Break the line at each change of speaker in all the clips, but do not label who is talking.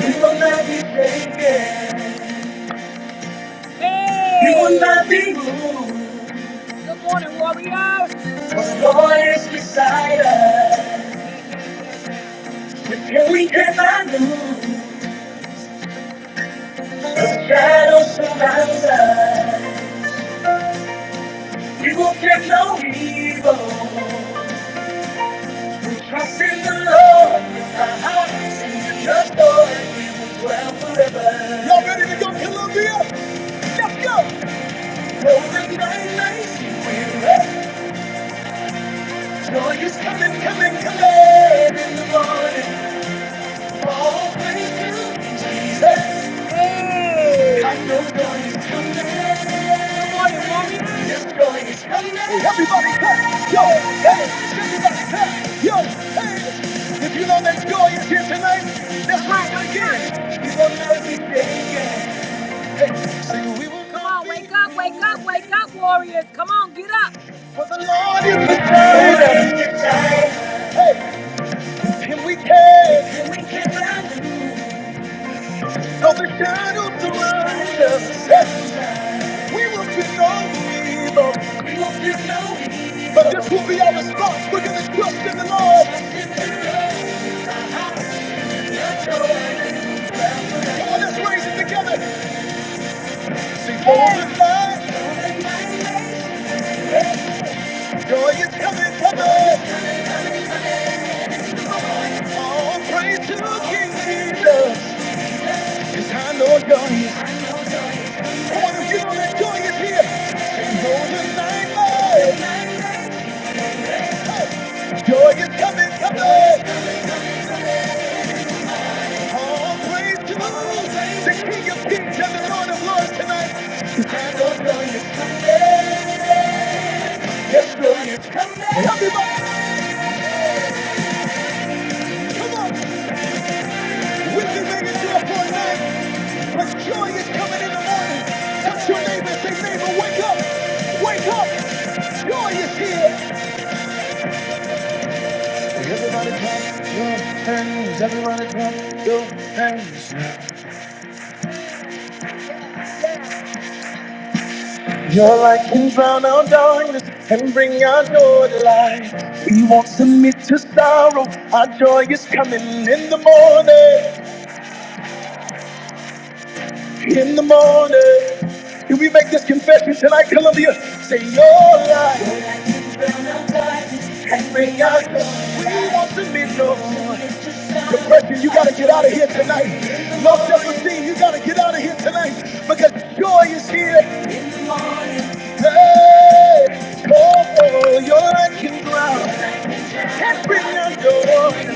You will not be shaken. Hey. You will Hey! not be moved. Good morning, warriors. For the Lord is beside us. With him we cannot lose. The shadow surrounds us. We will fear no evil. We trust in the Lord. Our house is in your Lord. We will dwell forever. Y'all ready to go, Columbia? Let's go. Though the night may seem weary, Joy is coming, coming, coming in the morning. All praise to Jesus. Hey. I know joy is coming. Good morning, morning. Yes, joy is coming. Hey, everybody, clap. Yo, hey, everybody, clap. Yo, hey. If you know that joy is here tonight, let's raise it again. He's on earth he's here. Come on, wake up, wake up, wake up, warriors. Come on, get up. For the Lord is the trainer. Hey, we can. No, the shadows around us. Hey, we will fear no evil. We will fear no evil. But this will be our response. We're going to trust in the Lord. Come on, let's raise it together. Glorify. Joy is coming, coming. All praise to King Jesus. Yes, I know God. is joy is here, sing those who sang Joy is coming, coming. All praise to the Lord, the King of Kings and the Lord of Lords tonight. And the joy is coming. Yes, joy is coming. Everybody, come on. We can make it joy for a night. But joy is coming in the morning. Touch your neighbor, say, neighbor, wake up. Wake up. Joy is here. If we make this confession tonight, Columbia, say, your life. And bring us we want to be loved. Depression, you gotta get out of here tonight. Low self-esteem, you gotta get out of here tonight because joy is here. Hey, oh, your light can ground and bring your joy.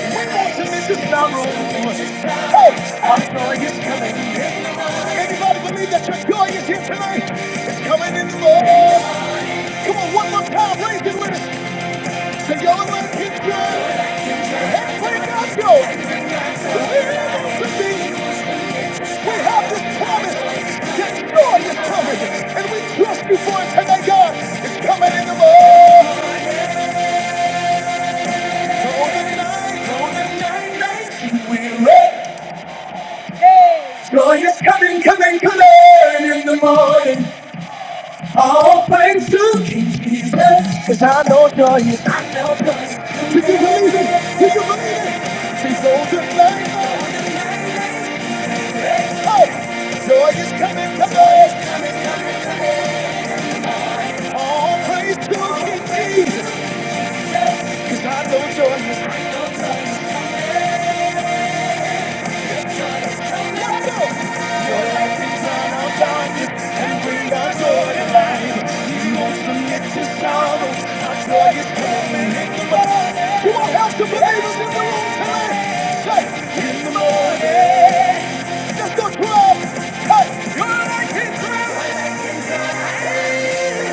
We want to be the sorrow. Hey, our joy is coming. Anybody believe that your joy is here tonight? It's coming in the morning. Come on, one more time, raise it with us. So your light can ground and bring your joy. We have this promise joy is coming, and we trust you for it today, God. It's coming in the morning. Golden night, golden night, night, you will reign. Joy is coming, coming, coming in the morning. All praise to King Jesus. Cause I know joy is, I know joy is. Do you believe it? Do you believe it? See, golden night, morning, hey. Joy is coming, coming. All praise to King Jesus, cause I know joy is Let's go. Your light is on our darkness and bring our joy to light. He won't submit to sorrows, our joy is coming in the morning. You won't have to believe us in the will tonight. Say, in the morning. Just go to us. Hey, your light is on. He's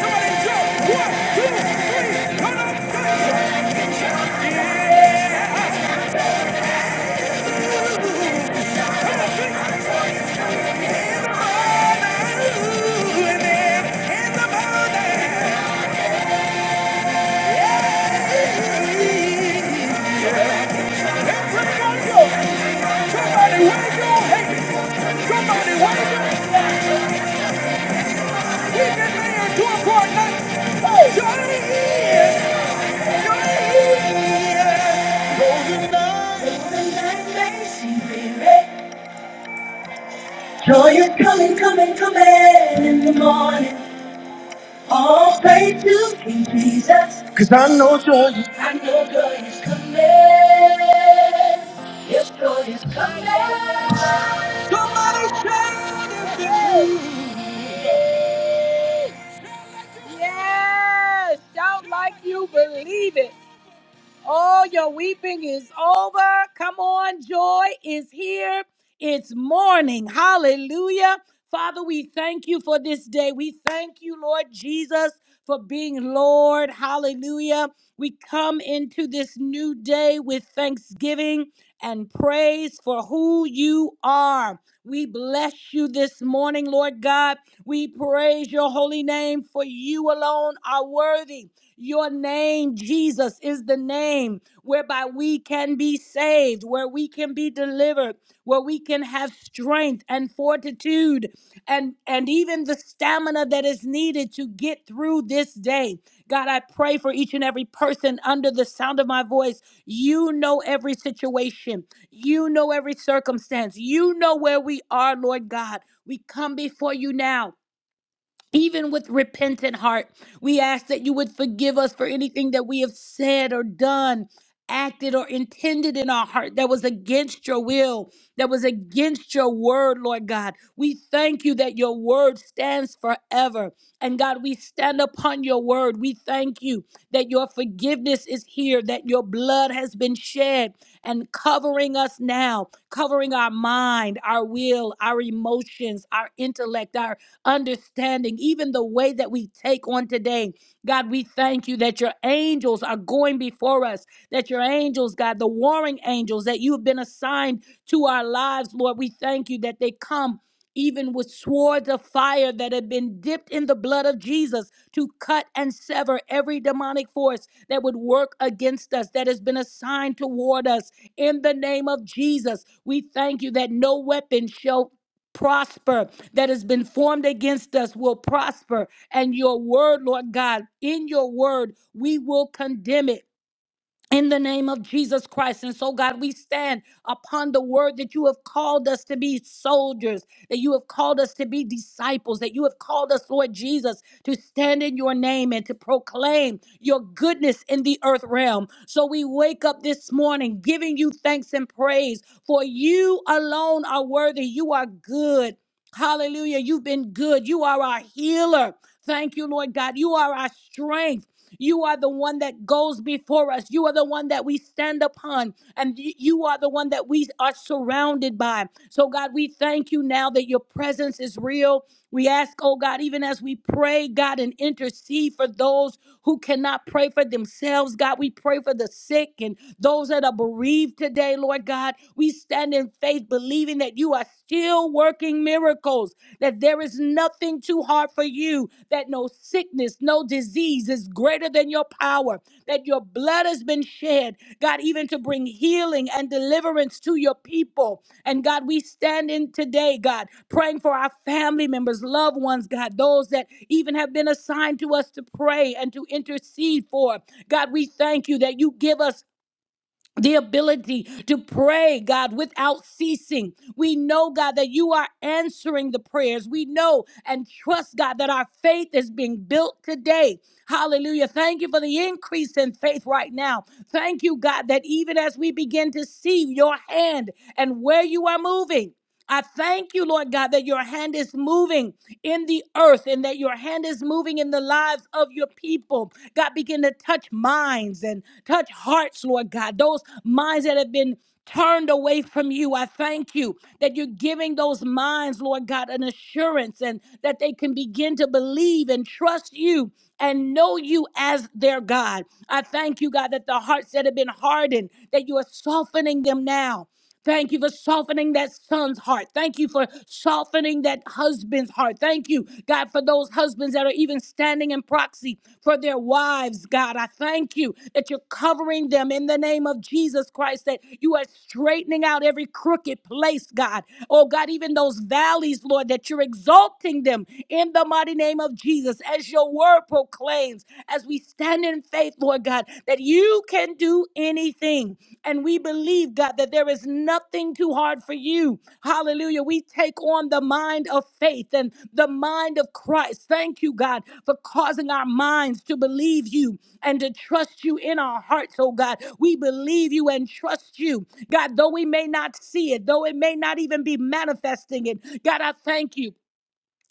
running joy in the morning. In the morning. Somebody wake up! Hey, Somebody wake up! He's been laying to it for a night. Oh, Johnny is. Joy is coming, coming, coming in the morning. All praise to King Jesus. 'Cause I know joy. is- I know joy is coming. Yes, joy is coming. Yes. Shout like you believe it. All your weeping is over. Come on, joy is here. It's morning. Hallelujah. Father, we thank you for this day. We thank you, Lord Jesus, for being Lord. Hallelujah. We come into this new day with thanksgiving and praise for who you are. We bless you this morning, Lord God. We praise your holy name for you alone are worthy. Your name, Jesus, is the name whereby we can be saved, where we can be delivered, where we can have strength and fortitude and, and even the stamina that is needed to get through this day. God, I pray for each and every person under the sound of my voice. You know every situation, you know every circumstance, you know where we are, Lord God. We come before you now even with repentant heart. We ask that you would forgive us for anything that we have said or done, acted or intended in our heart that was against your will, that was against your word, Lord God. We thank you that your word stands forever. And God, we stand upon your word. We thank you that your forgiveness is here, that your blood has been shed and covering us now now, covering our mind, our will, our emotions, our intellect, our understanding, even the way that we take on today. God, we thank you that your angels are going before us, that your angels, God, the warring angels that you have been assigned to our lives, Lord, we thank you that they come even with swords of fire that had been dipped in the blood of Jesus to cut and sever every demonic force that would work against us, that has been assigned toward us. In the name of Jesus, we thank you that no weapon shall prosper that has been formed against us will prosper. And your word, Lord God, in your word, we will condemn it in the name of Jesus Christ. And so, God, we stand upon the word that you have called us to be soldiers, that you have called us to be disciples, that you have called us, Lord Jesus, to stand in your name and to proclaim your goodness in the earth realm. So we wake up this morning giving you thanks and praise, for you alone are worthy. You are good. Hallelujah. You've been good. You are our healer. Thank you, Lord God. You are our strength. You are the one that goes before us. You are the one that we stand upon. And y- you are the one that we are surrounded by. So, God, we thank you now that your presence is real. We ask, oh God, even as we pray, God, and intercede for those who cannot pray for themselves, God, we pray for the sick and those that are bereaved today, Lord God. We stand in faith, believing that you are still working miracles, that there is nothing too hard for you, that no sickness, no disease, disease is greater than your power, that your blood has been shed, God, even to bring healing and deliverance to your people. And God, we stand in today, God, praying for our family members, loved ones, God, those that even have been assigned to us to pray and to intercede for. God, we thank you that you give us the ability to pray, God, without ceasing. We know, God, that you are answering the prayers. We know and trust, God, that our faith is being built today. Hallelujah. Thank you for the increase in faith right now. Thank you, God, that even as we begin to see your hand and where you are moving. I thank you, Lord God, that your hand is moving in the earth and that your hand is moving in the lives of your people. God, begin to touch minds and touch hearts, Lord God. Those minds that have been turned away from you, I thank you that you're giving those minds, Lord God, an assurance and that they can begin to believe and trust you and know you as their God. I thank you, God, that the hearts that have been hardened, that you are softening them now. Thank you for softening that son's heart. Thank you for softening that husband's heart. Thank you, God, for those husbands that are even standing in proxy for their wives, God. I thank you that you're covering them in the name of Jesus Christ, that you are straightening out every crooked place, God. Oh, God, even those valleys, Lord, that you're exalting them in the mighty name of Jesus, as your word proclaims, as we stand stand in faith, Lord God, that you can do anything. And we believe, God, that there is nothing too hard for you. Hallelujah. We take on the mind of faith and the mind of Christ. Thank you, God, for causing our minds to believe you and to trust you in our hearts, oh God. We believe you and trust you. God, though we may not see it, though it may not even be manifesting it, God, I thank you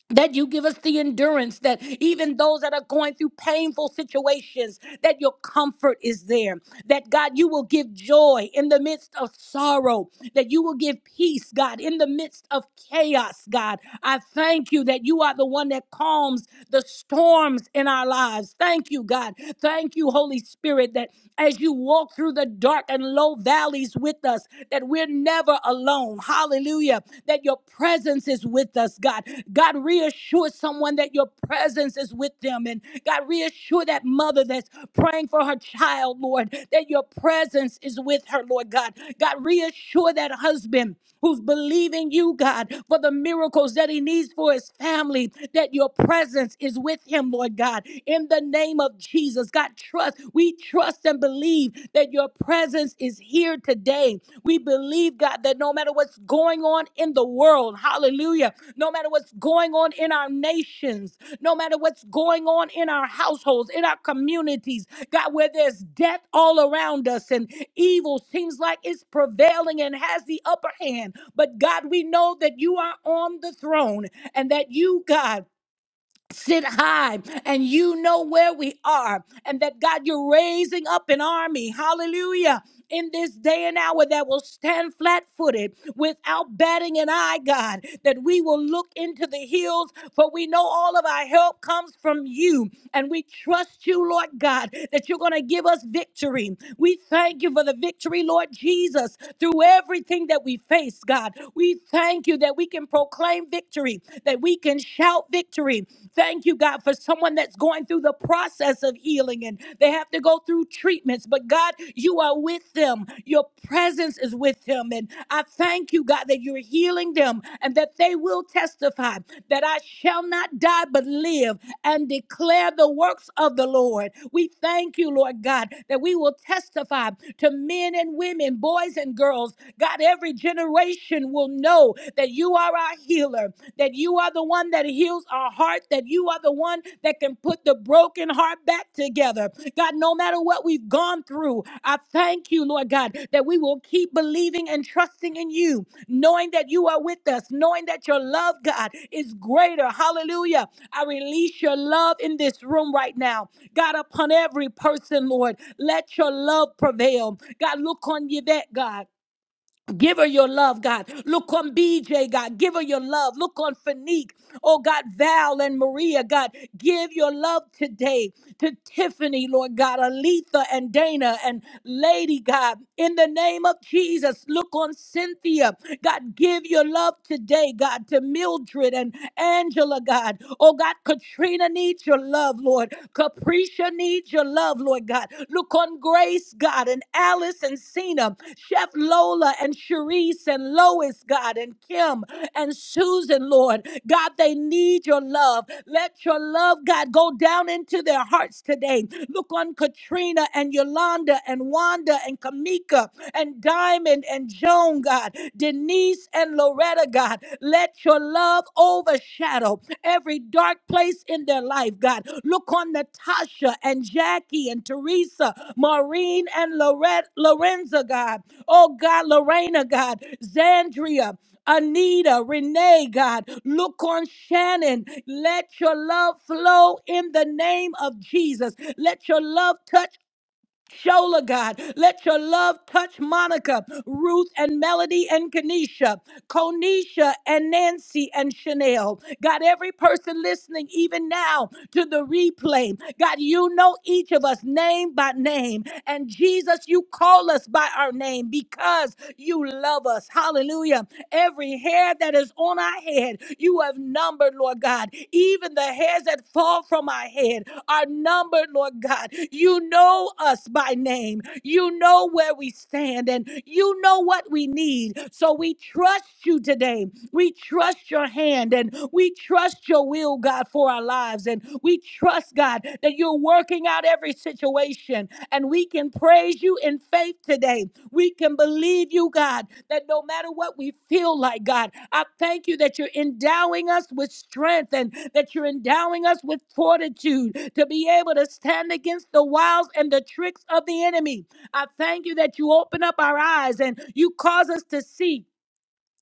that you give us the endurance that even those that are going through painful situations that your comfort is there that god you will give joy in the midst of sorrow that you will give peace god in the midst of chaos god i thank you that you are the one that calms the storms in our lives thank you god thank you holy spirit that as you walk through the dark and low valleys with us that we're never alone. Hallelujah. That your presence is with us, God. God, reassure someone that your presence is with them. And God, reassure that mother that's praying for her child, Lord, that your presence is with her, Lord God. God, reassure that husband who's believing you, God, for the miracles that he needs for his family, that your presence is with him, Lord God. In the name of Jesus, God, trust. We trust and believe that your presence is here today. We believe, God, that no matter what's going on in the world, hallelujah, no matter what's going on in our nations, no matter what's going on in our households, in our communities, God, where there's death all around us and evil seems like it's prevailing and has the upper hand. But God, we know that you are on the throne and that you, God, sit high and you know where we are and that God you're raising up an army hallelujah in this day and hour that will stand flat-footed without batting an eye God that we will look into the hills for we know all of our help comes from you and we trust you Lord God that you're going to give us victory we thank you for the victory Lord Jesus through everything that we face God we thank you that we can proclaim victory victory, that we can shout victory. Thank you, God, for someone that's going through the process of healing and they have to go through treatments. But God, you are with them. Your presence is with them. And I thank you, God, that you're healing them and that they will testify that I shall not die but live and declare the works of the Lord. We thank you, Lord God, that we will testify to men and women, boys and girls. God, every generation will will know that you are our healer, that you are the one that heals our heart, that you are the one that can put the broken heart back together. God, no matter what we've gone through, I thank you, Lord God, that we will keep believing and trusting in you, knowing that you are with us, knowing that your love, God, is greater. Hallelujah. I release your love in this room right now. God, upon every person, Lord, let your love prevail. God, look on you that, God. Give her your love, God. Look on BJ, God. Give her your love. Look on Fanique. Oh, God, Val and Maria, God. Give your love today to Tiffany, Lord God, Aletha and Dana and Lady, God. In the name of Jesus, look on Cynthia. God, give your love today, God, to Mildred and Angela, God. Oh, God, Katrina needs your love, Lord. Capricia needs your love, Lord God. Look on Grace, God, and Alice and Cena, Chef Lola and Cherise and Lois, God, and Kim and Susan, Lord. God, they need your love. Let your love, God, go down into their hearts today. Look on Katrina and Yolanda and Wanda and Kamika and Diamond and Joan, God, Denise and Lorraine. Loretta, God. Let your love overshadow every dark place in their life, God. Look on Natasha and Jackie and Teresa, Maureen and Loretta, Lorenza, God. Oh, God, Lorena, God. Zandria, Anita, Renee, God, look on Shannon. Let your love flow in the name of Jesus. Let your love touch Shola, God, let your love touch Monica, Ruth, and Melody, and Kanisha, Konisha, and Nancy, and Chanel. God, every person listening, even now to the replay, God, you know each of us name by name. And Jesus, you call us by our name because you love us. Hallelujah. Every hair that is is on our head. You have numbered, Lord God. Even the hairs that fall from our head are numbered, Lord God. You know us by name. You know where we stand and you know what we need. So we trust you today. We trust your hand and we trust your will, God, for our lives. And we trust, God, that you're working out out every situation. And we can praise you in faith today. We can believe you, God, that no matter what we feel like, God, I thank you that you're endowing us with strength and that you're endowing us with fortitude to be able to stand against the wiles and the tricks of the enemy. I thank you that you open up our eyes and you cause us to see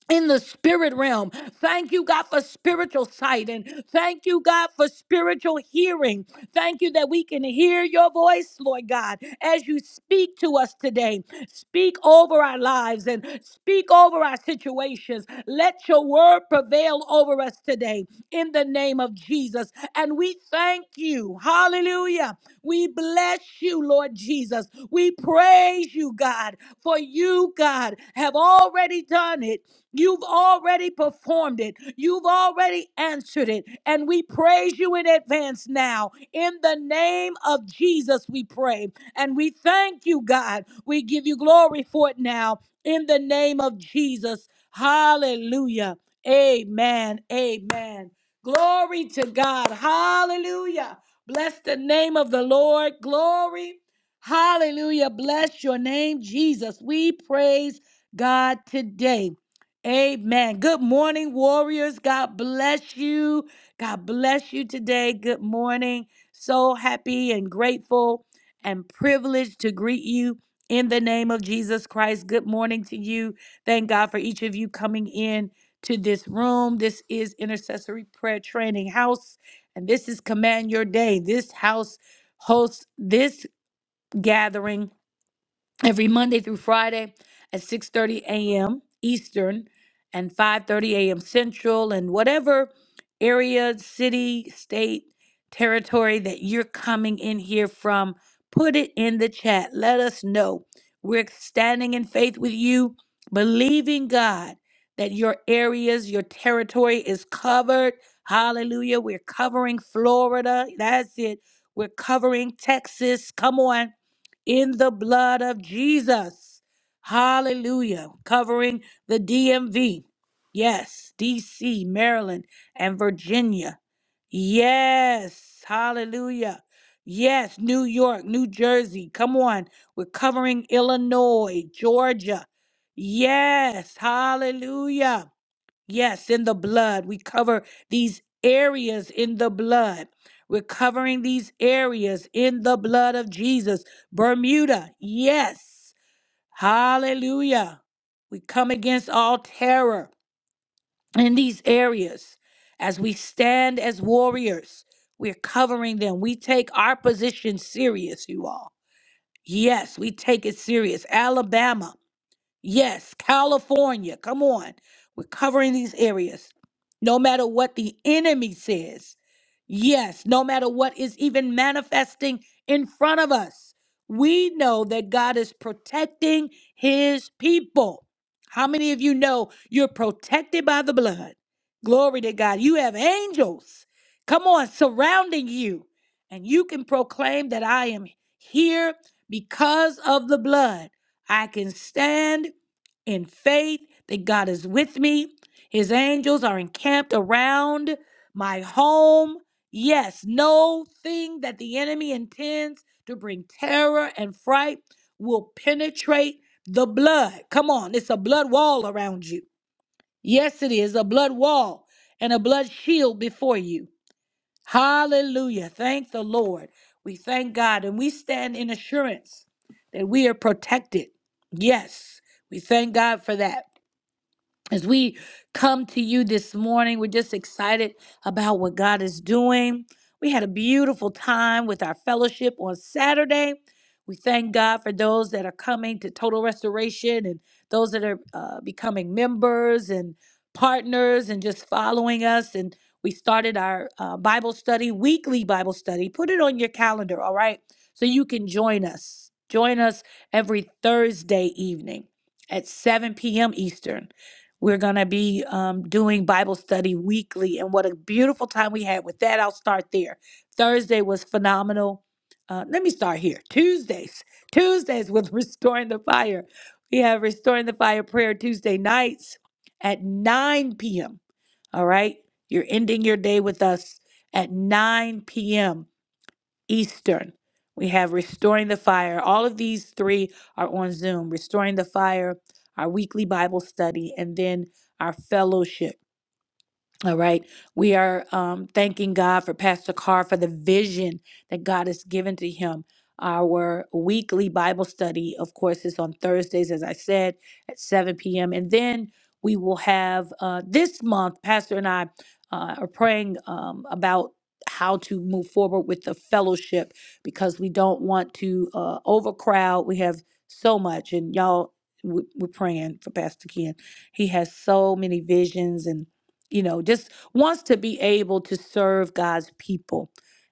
in the spirit realm. Thank you, God, for spiritual sight and thank you, God, for spiritual hearing. Thank you that we can hear your voice, Lord God, as you speak to us today. Speak over our lives and speak over our situations. Let your word prevail over us today in the name of Jesus. And we thank you. Hallelujah. We bless you, Lord Jesus. We praise you, God, for you, God, have already done it. You've already performed it. You've already answered it. And we praise you in advance now. In the name of Jesus, we pray. And we thank you, God. We give you glory for it now. In the name of Jesus. Hallelujah. Amen. Amen. Glory to God. Hallelujah. Bless the name of the Lord. Glory. Hallelujah. Bless your name, Jesus. We praise God today. Amen. Good morning, warriors. God bless you. God bless you today. Good morning. So happy and grateful and privileged to greet you in the name of Jesus Christ. Good morning to you. Thank God for each of you coming in to this room. This is Intercessory Prayer Training House. And this is Command Your Day. This house hosts this gathering every Monday through Friday at 6:30 a.m. Eastern and 5:30 a.m. Central and whatever area, city, state, territory that you're coming in here from, put it in the chat. Let us know. We're standing in faith with you, believing God that your areas, your territory is covered. Hallelujah. We're covering Florida. That's it. We're covering Texas. Come on in the blood of Jesus. Hallelujah. Covering the DMV. Yes, DC, Maryland, and Virginia. Yes, hallelujah. Yes, New York, New Jersey. Come on. We're covering Illinois, Georgia. Yes, hallelujah. Yes, in the blood. We cover these areas in the blood. We're covering these areas in the blood of Jesus. Bermuda, yes. Hallelujah. We come against all terror in these areas as we stand as warriors. We're covering them. We take our position serious, you all. Yes, we take it serious. Alabama. Yes, California. Come on. We're covering these areas. No matter what the enemy says. Yes, no matter what is even manifesting in front of us. We know that God is protecting his people. How many of you know you're protected by the blood? Glory to God. You have angels. Come on, surrounding you. And you can proclaim that I am here because of the blood. I can stand in faith that God is with me. His angels are encamped around my home. Yes, no thing that the enemy intends to bring terror and fright will penetrate the blood. Come on, it's a blood wall around you. Yes, it is a blood wall and a blood shield before you. Hallelujah. Thank the Lord. We thank God and we stand in assurance that we are protected. Yes, we thank God for that. As we come to you this morning, we're just excited about what God is doing. We had a beautiful time with our fellowship on Saturday. We thank God for those that are coming to Total Restoration and those that are uh, becoming members and partners and just following us. And we started our uh, Bible study, weekly Bible study. Put it on your calendar, all right? So you can join us. Join us every Thursday evening at 7 p.m. Eastern. We're going to be um, doing Bible study weekly. And what a beautiful time we had with that. I'll start there. Thursday was phenomenal. Uh, let me start here. Tuesdays. Tuesdays with Restoring the Fire. We have Restoring the Fire prayer Tuesday nights at 9 p.m. All right. You're ending your day with us at 9 p.m. Eastern. We have Restoring the Fire. All of these three are on Zoom. Restoring the Fire, our weekly Bible study, and then our fellowship. All right. We are um, thanking God for Pastor Carr for the vision that God has given to him. Our weekly Bible study, of course, is on Thursdays, as I said, at 7 p.m. And then we will have uh, this month, Pastor and I uh, are praying um, about how to move forward with the fellowship because we don't want to uh, overcrowd. We have so much, and y'all, we- we're praying for Pastor Ken. He has so many visions and you know, just wants to be able to serve God's people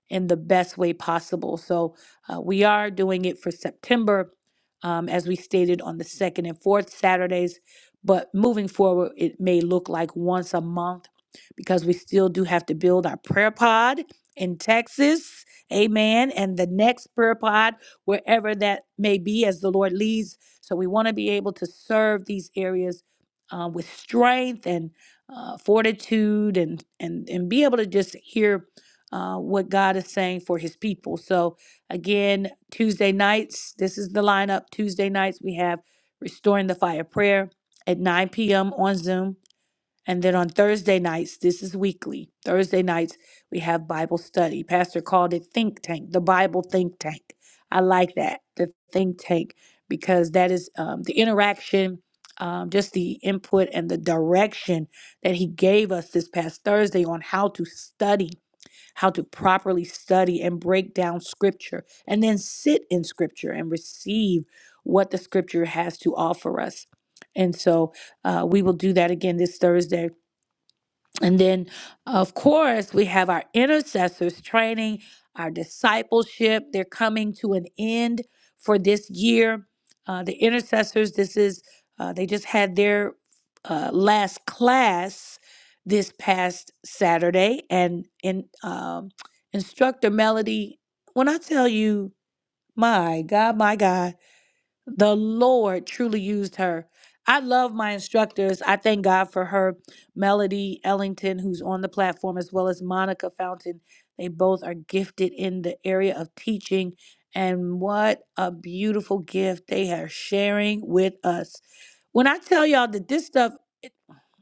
in the best way possible. So uh, we are doing it for September, um, as we stated on the second and fourth Saturdays. But moving forward, it may look like once a month because we still do have to build our prayer pod in Texas. Amen. And the next prayer pod, wherever that may be, as the Lord leads. So we want to be able to serve these areas uh, with strength and uh, fortitude and and and be able to just hear uh, what God is saying for His people. So again, Tuesday nights, this is the lineup. Tuesday nights we have restoring the fire prayer at 9 p.m. on Zoom. And then on Thursday nights, this is weekly. Thursday nights, we have Bible study. Pastor called it Think Tank, the Bible Think Tank. I like that, the Think Tank, because that is um, the interaction, um, just the input and the direction that he gave us this past Thursday on how to study, how to properly study and break down scripture, and then sit in scripture and receive what the scripture has to offer us. And so uh, we will do that again this Thursday and then, of course, we have our intercessors training, our discipleship. They're coming to an end for this year. Uh, the intercessors, this is, uh, they just had their uh, last class this past Saturday. And, in um, instructor Melody, when I tell you, my God, my God the Lord truly used her. I love my instructors. I thank God for her, Melody Ellington, who's on the platform, as well as Monica Fountain. They both are gifted in the area of teaching. And what a beautiful gift they are sharing with us. When I tell y'all that this stuff,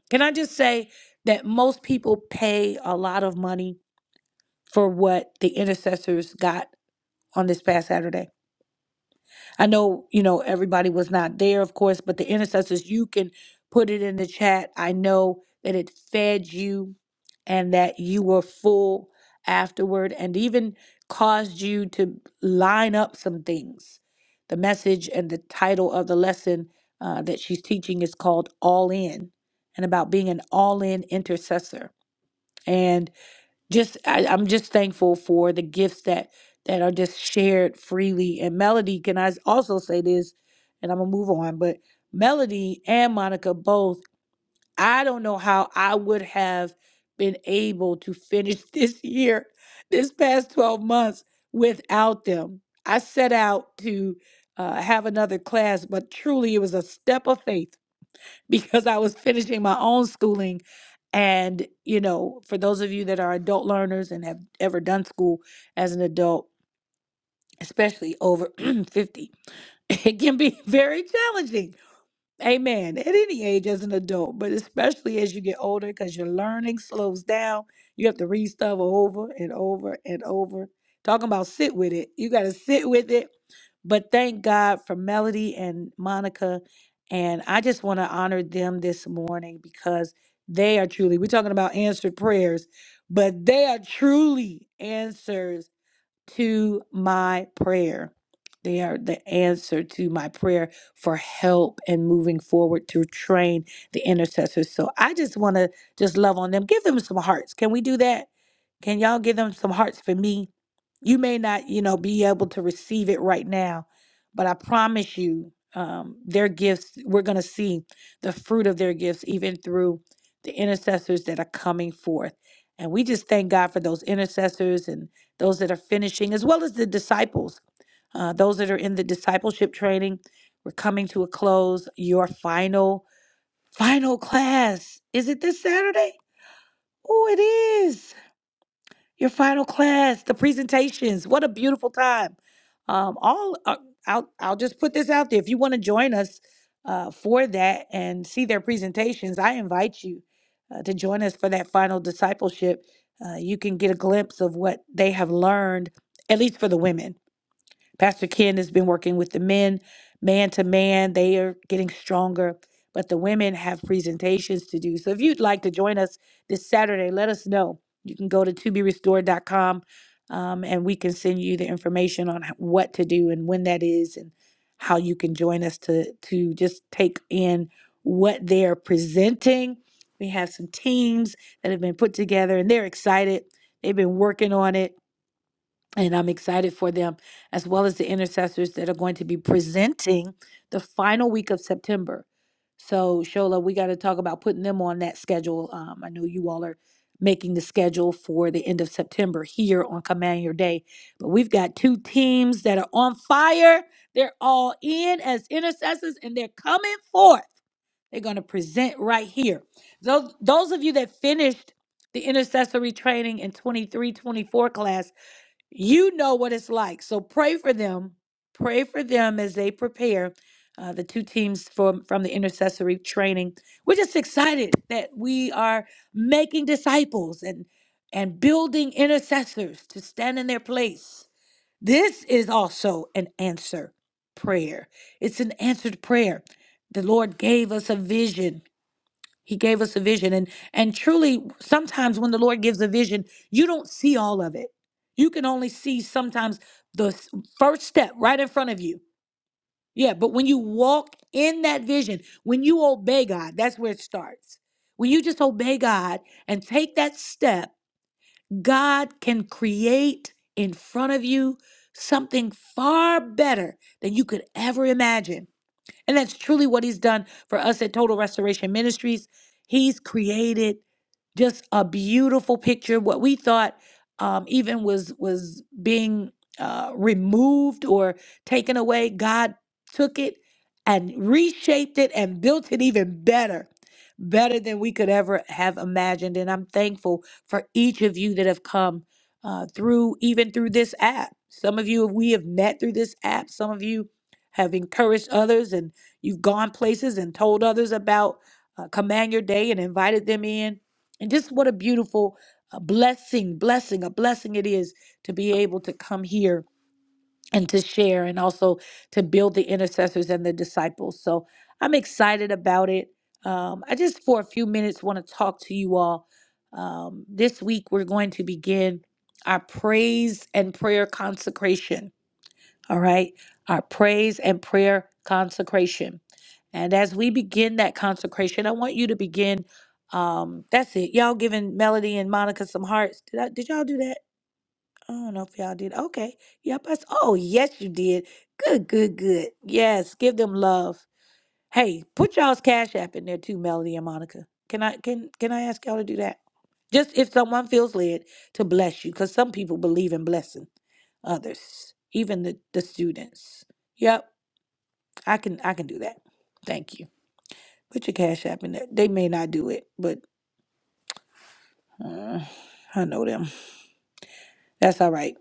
can I just say that most people pay a lot of money for what the intercessors got on this past Saturday? I know, you know, everybody was not there, of course, but the intercessors, you can put it in the chat. I know that it fed you and that you were full afterward and even caused you to line up some things. The message and the title of the lesson uh, that she's teaching is called All In and about being an all in intercessor just I, I'm just thankful for the gifts that that are just shared freely. And Melody, can I s- also say this? And I'm gonna move on, but Melody and Monica both. I don't know how I would have been able to finish this year, this past 12 months without them. I set out to uh, have another class, but truly it was a step of faith because I was finishing my own schooling. And, you know, for those of you that are adult learners and have ever done school as an adult, especially over 50, it can be very challenging Amen. At any age as an adult, but especially as you get older because your learning slows down. You have to read stuff over and over and over. Talking about sit with it. You got to sit with it. But thank God for Melody and Monica. And I just want to honor them this morning because they are truly, we're talking about answered prayers, but they are truly answers to my prayer. They are the answer to my prayer for help and moving forward to train the intercessors. So I just want to just love on them. Give them some hearts. Can we do that? Can y'all give them some hearts for me? you may not you know be able to receive it right now but i promise you um, their gifts we're going to see the fruit of their gifts even through the intercessors that are coming forth and we just thank god for those intercessors and those that are finishing as well as the disciples uh, those that are in the discipleship training we're coming to a close your final final class is it this saturday oh it is your final class, the presentations. What a beautiful time. Um, all uh, I'll I'll just put this out there. If you want to join us uh, for that and see their presentations, I invite you uh, to join us for that final discipleship. Uh, you can get a glimpse of what they have learned, at least for the women Pastor Ken has been working with the men, man to man. They are getting stronger, but the women have presentations to do. So if you'd like to join us this Saturday, let us know. You can go to to be restored. toberestored.com um, and we can send you the information on h- what to do and when that is and how you can join us to to just take in what they are presenting. We have some teams that have been put together and they're excited. They've been working on it and I'm excited for them, as well as the intercessors that are going to be presenting the final week of September. So, Shola, we got to talk about putting them on that schedule. Um, I know you all are making the schedule for the end of September here on Command Your Day, but we've got two teams that are on fire. They're all in as intercessors and they're coming forth. They're going to present right here. Those, those of you that finished the intercessory training in 23 24 class, you know what it's like. So pray for them. Pray for them as they prepare uh, the two teams from, from the intercessory training. We're just excited that we are making disciples and, and building intercessors to stand in their place. This is also an answer prayer. It's an answered prayer. The Lord gave us a vision he gave us a vision and and truly sometimes when the Lord gives a vision, you don't see all of it. You can only see sometimes the s- first step right in front of you. Yeah, but when you walk in that vision, when you obey God, that's where it starts. When you just obey God and take that step, God can create in front of you something far better than you could ever imagine. And that's truly what he's done for us at Total Restoration Ministries. He's created just a beautiful picture. What we thought um, even was was being uh, removed or taken away, God took it and reshaped it and built it even better, better than we could ever have imagined. And I'm thankful for each of you that have come uh, through, even through this app. Some of you we have met through this app. Some of you have encouraged others, and. You've gone places and told others about uh, Command Your Day and invited them in. And just what a beautiful uh, blessing, blessing, a blessing it is to be able to come here and to share and also to build the intercessors and the disciples. So I'm excited about it. Um, I just, for a few minutes, want to talk to you all. Um, this week, we're going to begin our praise and prayer consecration all right? Our praise and prayer consecration. And as we begin that consecration, I want you to begin. Um, that's it. Y'all giving Melody and Monica some hearts. Did I did y'all do that? I don't know if y'all did. Okay. Yep. I, s- oh, yes, you did. Good, good, good. Yes, give them love. Hey, put y'all's Cash App in there too, Melody and Monica. Can I can can I ask y'all to do that? Just if someone feels led to bless you, because some people believe in blessing others, even the, the students. Yep, I can I can do that. Thank you. Put your Cash App in there. They may not do it, but uh, I know them. That's all right.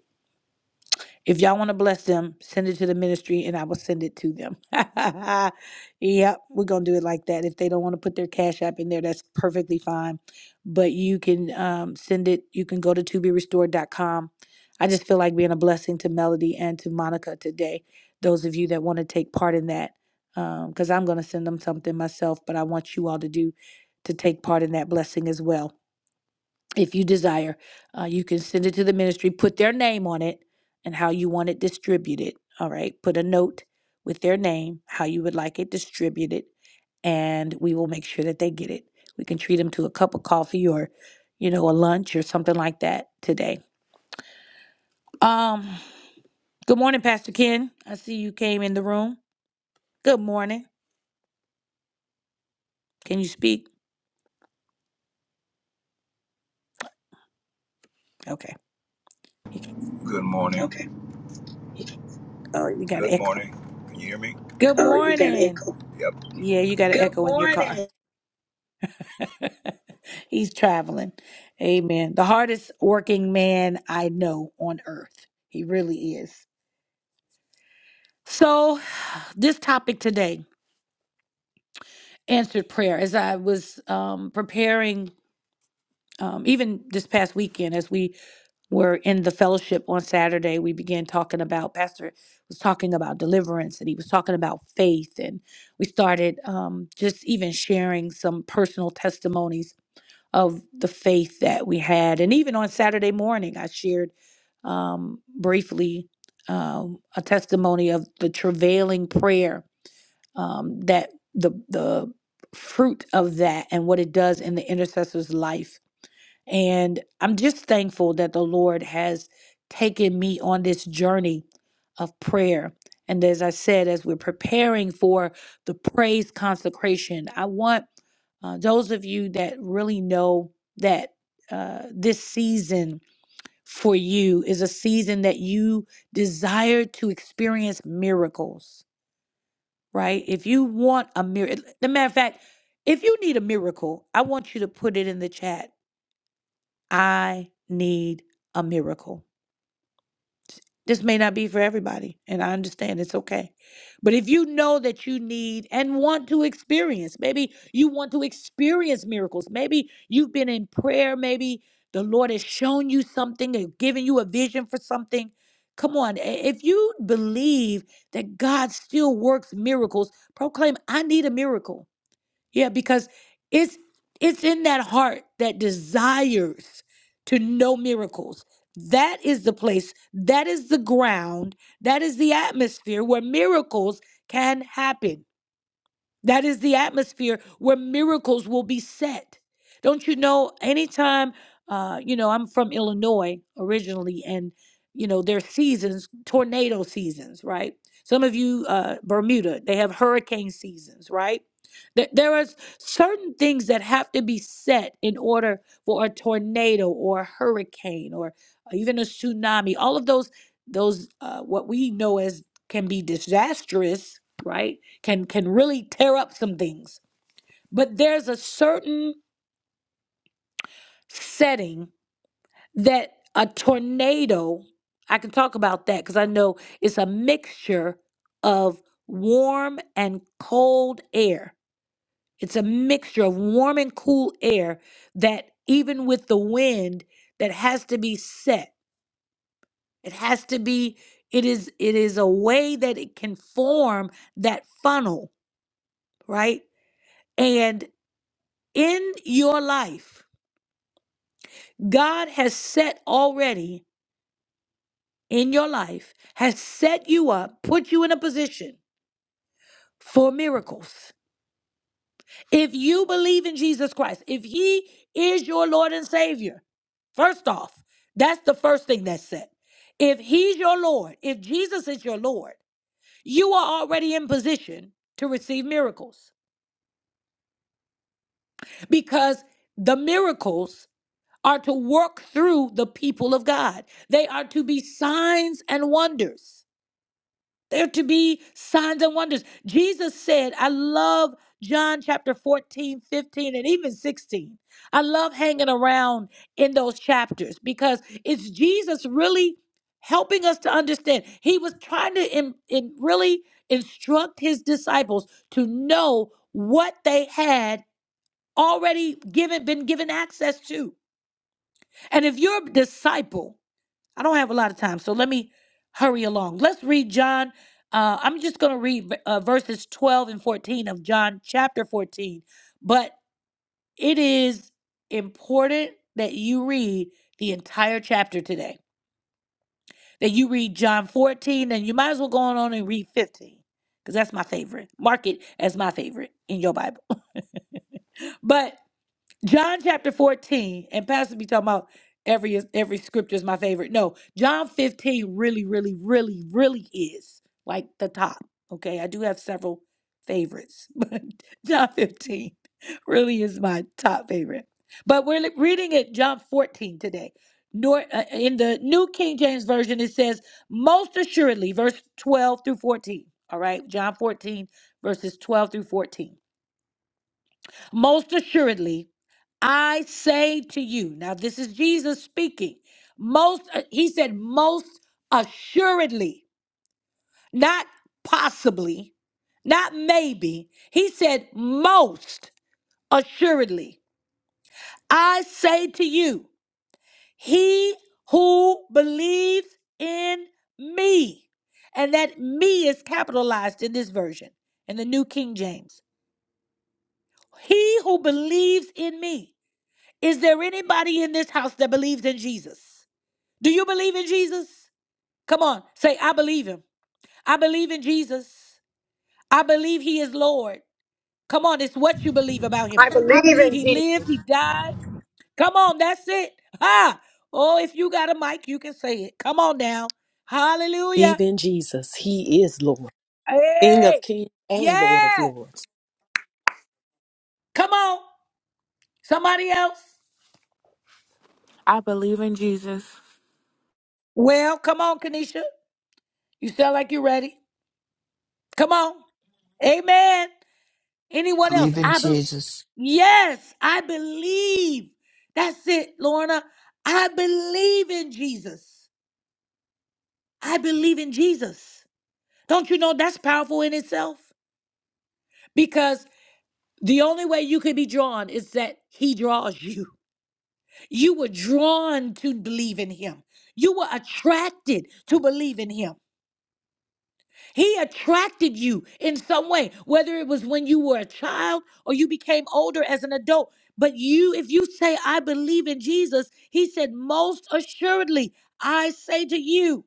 If y'all want to bless them, send it to the ministry and I will send it to them. yep, we're going to do it like that. If they don't want to put their Cash App in there, that's perfectly fine. But you can um, send it, you can go to to be restored. dot com. I just feel like being a blessing to Melody and to Monica today. Those of you that want to take part in that, because I'm going to send them something myself, but I want you all to do to take part in that blessing as well if you desire, uh, you can send it to the ministry, put their name on it, and how you want it distributed. All right. Put a note with their name, how you would like it distributed, and we will make sure that they get it. We can treat them to a cup of coffee or, you know, a lunch or something like that today. Um, good morning, Pastor Ken. I see you came in the room. Good morning. Can you speak? Okay. You can.
Good morning. Okay.
Oh, you got
Good
an echo.
morning. Can you hear me?
Good
Oh, you got an
morning.
echo. Yep.
Yeah, you got an
Good
echo in your car.
morning.
He's traveling. Amen. The hardest working man I know on earth. He really is. So, this topic today, answered prayer, as I was um, preparing, um, even this past weekend, as we were in the fellowship on Saturday, we began talking about, Pastor was talking about deliverance and he was talking about faith. And we started um, just even sharing some personal testimonies of the faith that we had. And even on Saturday morning, I shared um, briefly um, a testimony of the travailing prayer um, that the the fruit of that and what it does in the intercessor's life and I'm just thankful that the Lord has taken me on this journey of prayer. And as I said, as we're preparing for the praise consecration, I want uh, those of you that really know that uh, this season for you is a season that you desire to experience miracles, right? If you want a miracle, the matter of fact, if you need a miracle, I want you to put it in the chat I need a miracle. This may not be for everybody, and I understand it's okay. But if you know that you need and want to experience, maybe you want to experience miracles, maybe you've been in prayer, maybe the Lord has shown you something or given you a vision for something. Come on, i- if you believe that God still works miracles, proclaim, I need a miracle. Yeah, because it's it's in that heart that desires to know miracles. That is the place, that is the ground, that is the atmosphere where miracles can happen. That is the atmosphere where miracles will be set. Don't you know? Anytime, uh, you know, I'm from Illinois originally, and you know, there's seasons, tornado seasons, right? Some of you, uh, Bermuda, they have hurricane seasons, right? There there are certain things that have to be set in order for a tornado or a hurricane or even a tsunami. All of those, those, uh, what we know as can be disastrous, right? can can really tear up some things. But there's a certain setting that a tornado, I can talk about that because I know it's a mixture of warm and cold air. It's a mixture of warm and cool air that even with the wind that has to be set. It has to be it is it is a way that it can form that funnel, right? And in your life God has set already in your life, has set you up, put you in a position for miracles. If you believe in Jesus Christ, if He is your Lord and Savior, first off, that's the first thing that's said. If He's your Lord, if Jesus is your Lord, you are already in position to receive miracles because the miracles are to work through the people of God, they are to be signs and wonders. There to be signs and wonders. Jesus said, I love John chapter 14, 15, and even 16. I love hanging around in those chapters because it's Jesus really helping us to understand. He was trying to in, in really instruct his disciples to know what they had already given been given access to. And if you're a disciple, I don't have a lot of time, so let me hurry along. Let's read John. Uh, I'm just going to read uh, verses 12 and 14 of John chapter 14, but it is important that you read the entire chapter today. That you read John 14, and you might as well go on and read 15, because that's my favorite. Mark it as my favorite in your Bible. but John chapter 14, and Pastor be talking about every every scripture is my favorite. No, John 15 really, really, really, really is like the top. Okay. I do have several favorites, but John 15 really is my top favorite. But we're li- reading it John 14 today. Nor uh, in the New King James Version, it says, most assuredly, verse 12 through 14. All right, John 14, verses 12 through 14. Most assuredly, I say to you, now this is Jesus speaking. Most, uh, he said, most assuredly, not possibly, not maybe. He said, most assuredly, I say to you, he who believes in me, and that me is capitalized in this version, in the New King James, he who believes in me. Is there anybody in this house that believes in Jesus? Do you believe in Jesus? Come on, say, I believe him. I believe in Jesus. I believe he is Lord. Come on, it's what you believe about him.
I believe
I
in
believe he
Jesus.
lived, he died. Come on, that's it. Ah, Oh, if you got a mic, you can say it. Come on now. Hallelujah.
Believe in Jesus. He is Lord, King of
Hey!
kings and Lord of
Yeah!
lords.
Come on. Somebody else?
I believe in Jesus.
Well, come on, Kanisha. You sound like you're ready. Come on. Amen. Anyone else?
believe in
I believe.
Jesus.
Yes, I believe. That's it, Lorna. I believe in Jesus. I believe in Jesus. Don't you know that's powerful in itself? Because the only way you could be drawn is that he draws you. You were drawn to believe in him. You were attracted to believe in him. He attracted you in some way, whether it was when you were a child or you became older as an adult. But you, if you say, I believe in Jesus, he said, Most assuredly, I say to you,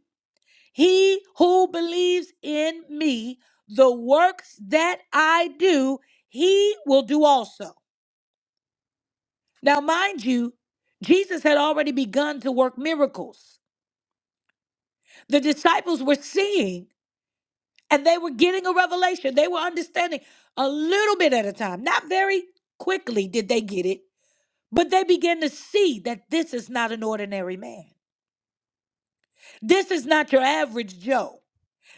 he who believes in me, the works that I do, he will do also. Now, mind you, Jesus had already begun to work miracles. The disciples were seeing and they were getting a revelation. They were understanding a little bit at a time. Not very quickly did they get it, but they began to see that this is not an ordinary man. This is not your average Joe.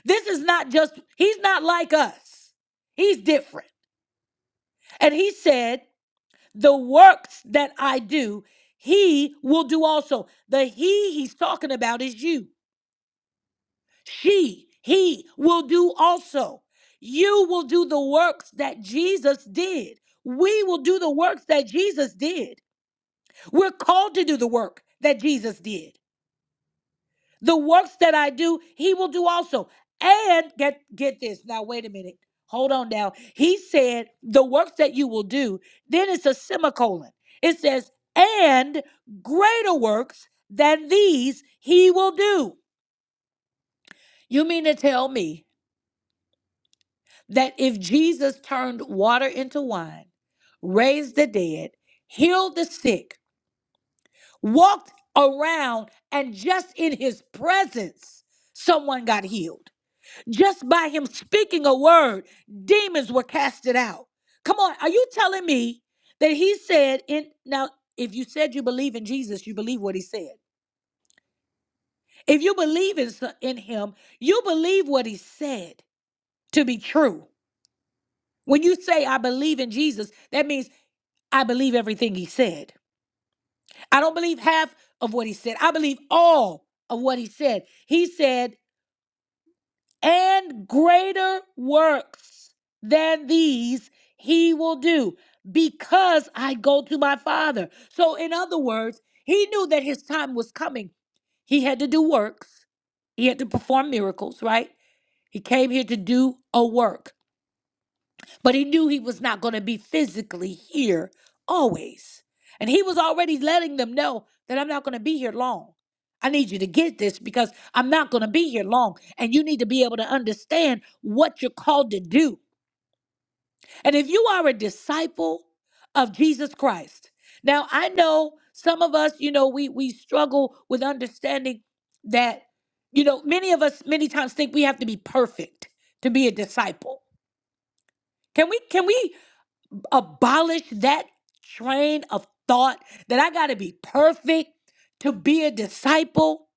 This is not just, he's not like us. He's different. And he said, The works that I do, he will do also. The he he's talking about is you. She, he will do also. You will do the works that Jesus did. We will do the works that Jesus did. We're called to do the work that Jesus did. The works that I do, he will do also. And get get this. Now wait a minute. Hold on now. He said the works that you will do, then it's a semicolon. It says, and greater works than these he will do. You mean to tell me that if Jesus turned water into wine, raised the dead, healed the sick, walked around, and just in his presence, someone got healed. Just by him speaking a word, demons were casted out. Come on, are you telling me that he said in now if you said you believe in Jesus, you believe what he said. If you believe in, so- in him, you believe what he said to be true. When you say I believe in Jesus, that means I believe everything he said. I don't believe half of what he said. I believe all of what he said. He said, and greater works than these he will do because I go to my father. So, in other words, he knew that his time was coming. He had to do works, he had to perform miracles, right? He came here to do a work. But he knew he was not going to be physically here always. And he was already letting them know that I'm not going to be here long. I need you to get this because I'm not going to be here long. And you need to be able to understand what you're called to do. And if you are a disciple of Jesus Christ, now I know some of us, you know, we, we struggle with understanding that, you know, many of us many times think we have to be perfect to be a disciple. Can we? Can we? abolish that train of thought that I got to be perfect to be a disciple.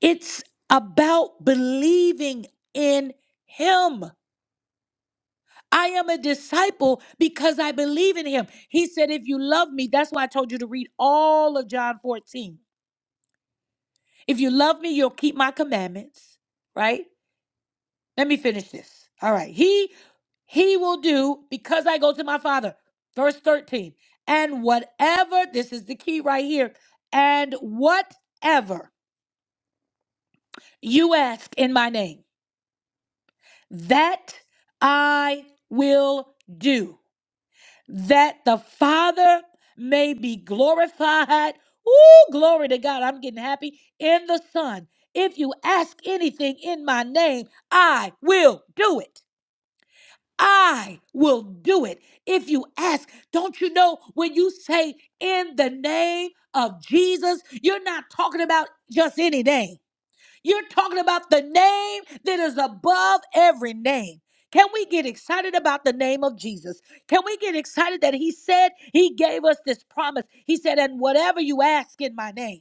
It's about believing in Him. I am a disciple because I believe in Him. He said, If you love me, that's why I told you to read all of John 14. If you love me, you'll keep my commandments, right? Let me finish this. All right. He he will do because I go to my father. Verse 13. And whatever, this is the key right here. And whatever you ask in my name, that I will do. That the Father may be glorified. Ooh, glory to God. I'm getting happy in the Son. If you ask anything in my name, I will do it. I will do it if you ask. Don't you know when you say in the name of Jesus, you're not talking about just any name. You're talking about the name that is above every name. Can we get excited about the name of Jesus? Can we get excited that He said He gave us this promise? He said, and whatever you ask in my name.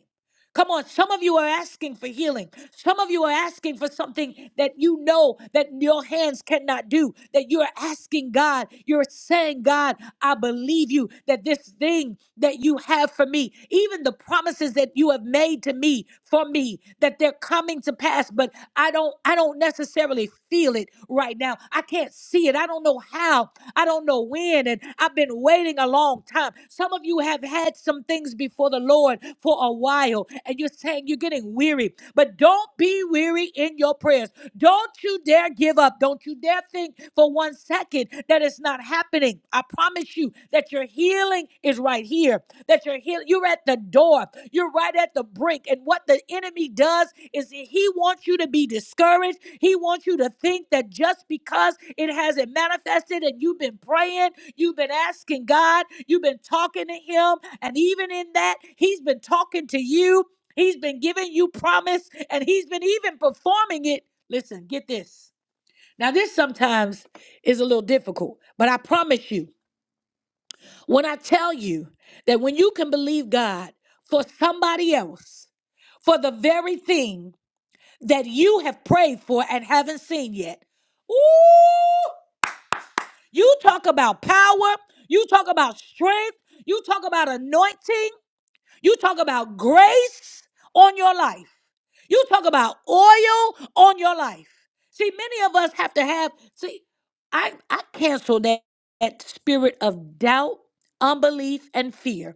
Come on, some of you are asking for healing. Some of you are asking for something that you know that your hands cannot do. That you're asking God, you're saying, God, I believe you that this thing that you have for me, even the promises that you have made to me for me, that they're coming to pass, but I don't I don't necessarily feel it right now. I can't see it. I don't know how. I don't know when. And I've been waiting a long time. Some of you have had some things before the Lord for a while and you're saying you're getting weary, but don't be weary in your prayers. Don't you dare give up. Don't you dare think for one second that it's not happening. I promise you that your healing is right here. That your heal you're at the door. You're right at the brink. And what the enemy does is he wants you to be discouraged. He wants you to think that just because it hasn't manifested and you've been praying, you've been asking God, you've been talking to him, and even in that, he's been talking to you. He's been giving you promise and he's been even performing it. Listen, get this. Now, this sometimes is a little difficult, but I promise you, when I tell you that when you can believe God for somebody else, for the very thing that you have prayed for and haven't seen yet, ooh, you talk about power, you talk about strength, you talk about anointing. You talk about grace on your life. You talk about oil on your life. See, many of us have to have, see, I, I cancel that, that spirit of doubt, unbelief, and fear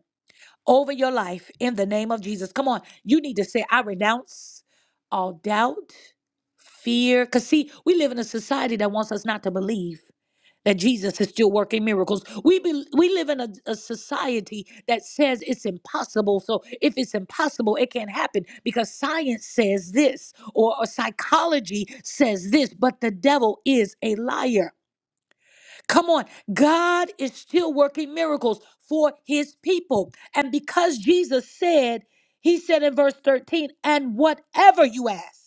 over your life in the name of Jesus. Come on, you need to say, I renounce all doubt, fear. Because, see, we live in a society that wants us not to believe that Jesus is still working miracles. We be, we live in a, a society that says it's impossible. So if it's impossible, it can't happen because science says this or, or psychology says this, but the devil is a liar. Come on, God is still working miracles for his people. And because Jesus said, he said in verse 13, and whatever you ask.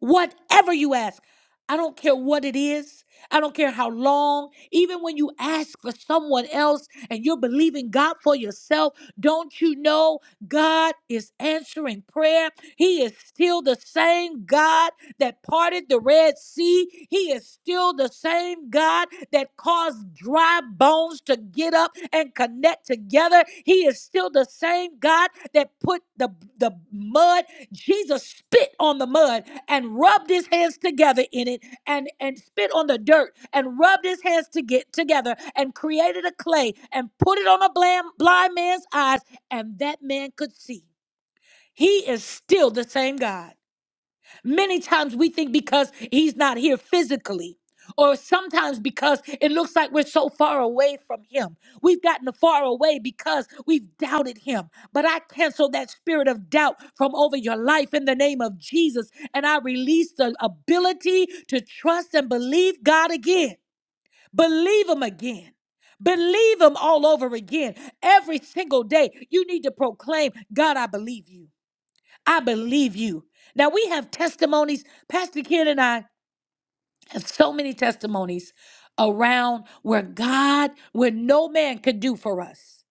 Whatever you ask, I don't care what it is. I don't care how long. Even when you ask for someone else and you're believing God for yourself, don't you know God is answering prayer? He is still the same God that parted the Red Sea. He is still the same God that caused dry dry bones to get up and connect together. He is still the same God that put the, the mud, Jesus spit on the mud and rubbed his hands together in it and, and spit on the dirt and rubbed his hands to get together and created a clay and put it on a blind, blind man's eyes and that man could see. He is still the same God. Many times we think because he's not here physically, or sometimes because it looks like we're so far away from him. We've gotten far away because we've doubted him. But I cancel that spirit of doubt from over your life in the name of Jesus, and I release the ability to trust and believe God again. Believe him again. Believe him all over again. Every single day, you need to proclaim, God, I believe you. I believe you. Now we have testimonies. Pastor Ken and I have so many testimonies around where God, where no man could do for us.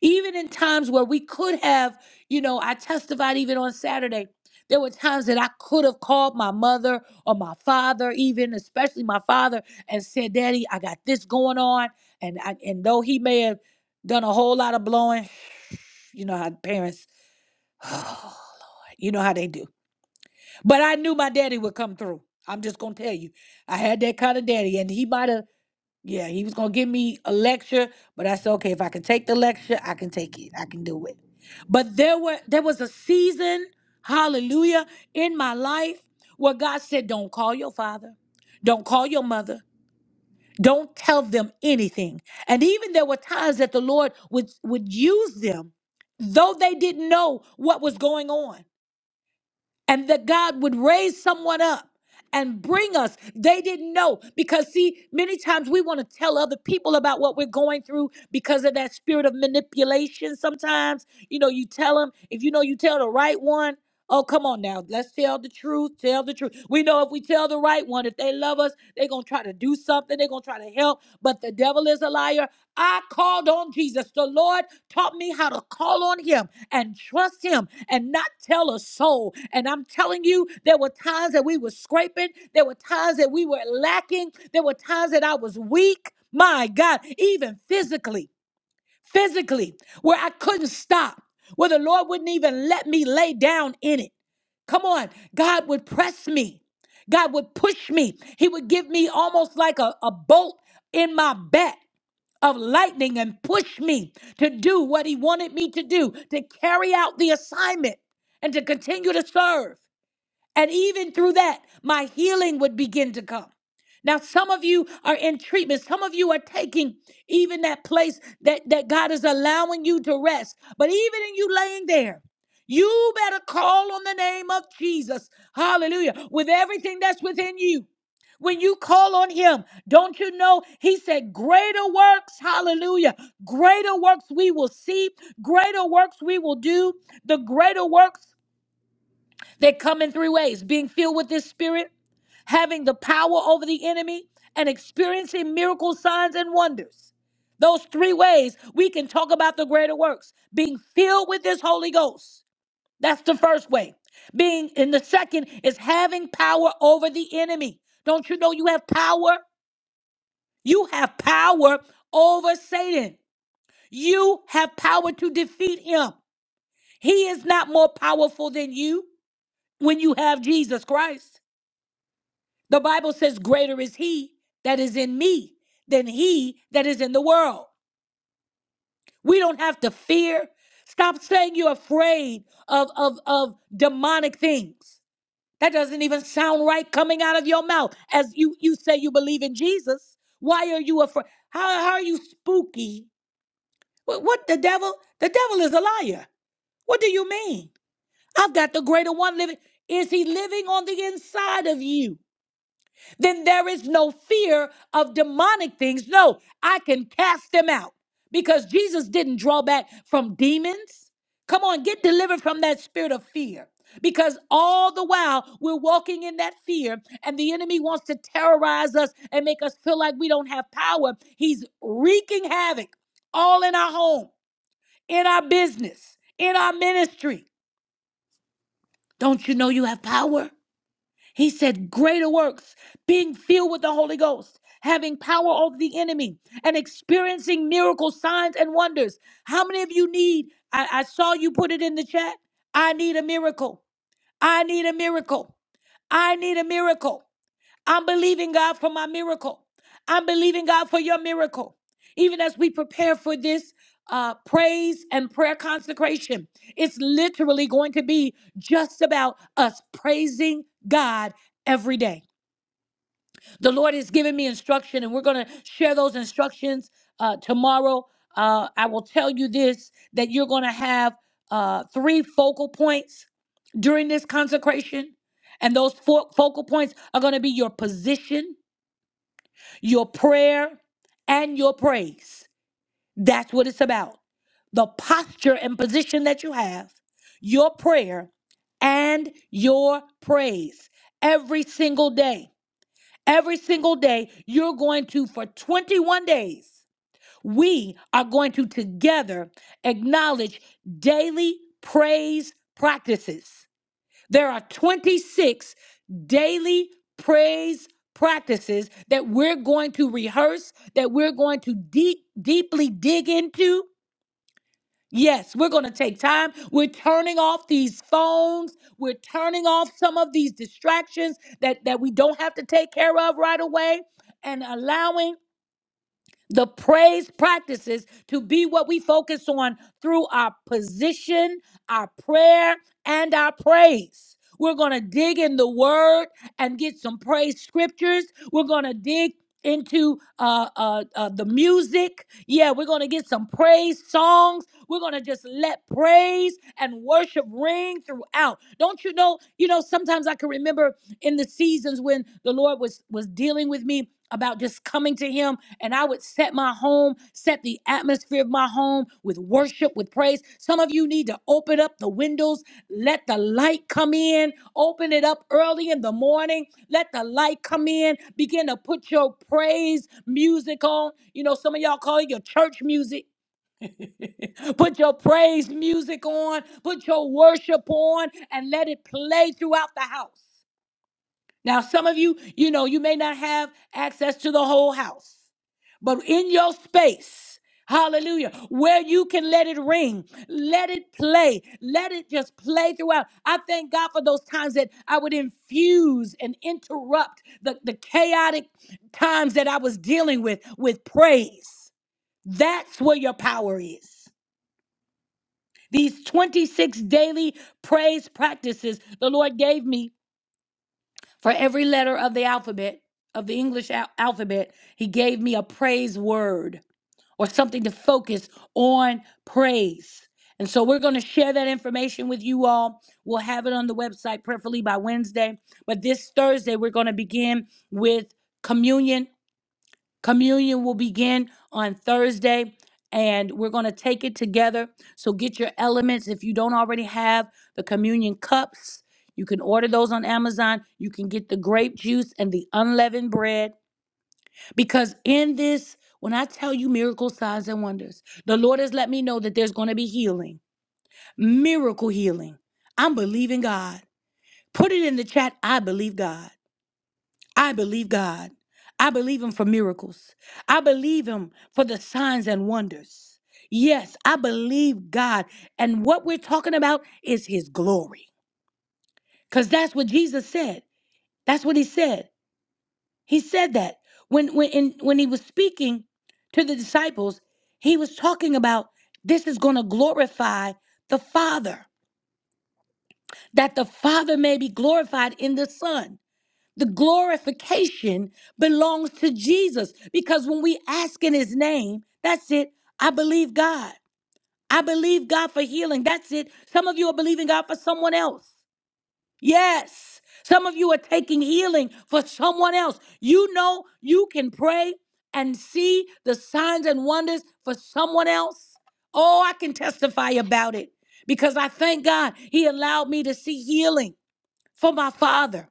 Even in times where we could have, you know, I testified even on Saturday. There were times that I could have called my mother or my father, even especially my father, and said, Daddy, I got this going on. And I, and though he may have done a whole lot of blowing, you know how parents, you know how they do But I knew my daddy would come through. I'm just gonna tell you, I had that kind of daddy, and he might have, yeah, he was gonna give me a lecture, but I said, okay, if I can take the lecture, I can take it, I can do it. But there were there was a season, hallelujah, in my life where God said, don't call your father, don't call your mother, don't tell them anything. And even there were times that the Lord would would use them, though they didn't know what was going on and that God would raise someone up and bring us. They didn't know because, see, many times we want to tell other people about what we're going through because of that spirit of manipulation. Sometimes, you know, you tell them, if you know you tell the right one, Oh, come on now. Let's tell the truth. Tell the truth. We know if we tell the right one, if they love us, they're going to try to do something. They're going to try to help. But the devil is a liar. I called on Jesus. The Lord taught me how to call on him and trust him and not tell a soul. And I'm telling you, there were times that we were scraping. There were times that we were lacking. There were times that I was weak. My God, even physically physically, where I couldn't stop, where the Lord wouldn't even let me lay down in it. Come on, God would press me. God would push me. He would give me almost like a, a bolt in my back of lightning and push me to do what He wanted me to do, to carry out the assignment and to continue to serve. And even through that, my healing would begin to come. Now, some of you are in treatment. Some of you are taking even that place that, that God is allowing you to rest. But even in you laying there, you better call on the name of Jesus. Hallelujah. With everything that's within you. When you call on him, don't you know? He said, Greater works, hallelujah. Greater works we will see, greater works we will do, the greater works. They come in three ways being filled with this spirit, having the power over the enemy, and experiencing miracle signs and wonders. Those three ways we can talk about the greater works being filled with this Holy Ghost. That's the first way. Being in the second is having power over the enemy. Don't you know you have power? You have power over Satan. You have power to defeat him. He is not more powerful than you when you have Jesus Christ. The Bible says, Greater is he that is in me than he that is in the world. We don't have to fear. Stop saying you're afraid of, of, of demonic things. That doesn't even sound right coming out of your mouth. As you, you say you believe in Jesus, why are you afraid? How, how are you spooky? What, what the devil? The devil is a liar. What do you mean? I've got the greater one living. Is he living on the inside of you? then there is no fear of demonic things. No, I can cast them out because Jesus didn't draw back from demons. Come on, get delivered from that spirit of fear because all the while we're walking in that fear and the enemy wants to terrorize us and make us feel like we don't have power. He's wreaking havoc all in our home, in our business, in our ministry. Don't you know you have power? He said, Greater works, being filled with the Holy Ghost, having power over the enemy, and experiencing miracle signs and wonders. How many of you need? I, I saw you put it in the chat. I need a miracle. I need a miracle. I need a miracle. I'm believing God for my miracle. I'm believing God for your miracle. Even as we prepare for this uh, praise and prayer consecration, it's literally going to be just about us praising God every day. The Lord has given me instruction, and we're going to share those instructions uh, tomorrow. Uh, I will tell you this that you're going to have uh, three focal points during this consecration, and those fo- focal points are going to be your position your prayer and your praise. That's what it's about. The posture and position that you have, your prayer and your praise every single day. Every single day, you're going to, for 21 days, we are going to together acknowledge daily praise practices. There are 26 daily praise practices that we're going to rehearse, that we're going to deep, deeply dig into. Yes, we're going to take time. We're turning off these phones. We're turning off some of these distractions that, that we don't have to take care of right away and allowing the praise practices to be what we focus on through our position, our prayer, and our praise. We're going to dig in the word and get some praise scriptures. We're going to dig into uh, uh, uh, the music. Yeah, we're going to get some praise songs. We're going to just let praise and worship ring throughout. Don't you know, you know, sometimes I can remember in the seasons when the Lord was was dealing with me about just coming to him and I would set my home, set the atmosphere of my home with worship, with praise. Some of you need to open up the windows, let the light come in, open it up early in the morning, let the light come in, begin to put your praise music on. You know, some of y'all call it your church music. Put your praise music on, put your worship on, and let it play throughout the house. Now, some of you, you know, you may not have access to the whole house. But in your space, hallelujah, where you can let it ring, let it play, let it just play throughout. I thank God for those times that I would infuse and interrupt the, the chaotic times that I was dealing with with praise. That's where your power is. These 26 daily praise practices the Lord gave me for every letter of the alphabet, of the English al- alphabet, He gave me a praise word or something to focus on praise. And so we're going to share that information with you all. We'll have it on the website, preferably by Wednesday. But this Thursday, we're going to begin with communion. Communion will begin on Thursday, and we're going to take it together. So get your elements. If you don't already have the communion cups, you can order those on Amazon. You can get the grape juice and the unleavened bread. Because in this, when I tell you miracle signs and wonders, the Lord has let me know that there's going to be healing, miracle healing. I'm believing God. Put it in the chat. I believe God. I believe God. I believe Him for miracles. I believe Him for the signs and wonders. Yes, I believe God. And what we're talking about is His glory. Because that's what Jesus said. That's what He said. He said that when when in, when he was speaking to the disciples, he was talking about this is going to glorify the Father, that the Father may be glorified in the Son. The glorification belongs to Jesus because when we ask in his name, that's it. I believe God. I believe God for healing. That's it. Some of you are believing God for someone else. Yes. Some of you are taking healing for someone else. You know you can pray and see the signs and wonders for someone else. Oh, I can testify about it because I thank God He allowed me to see healing for my father.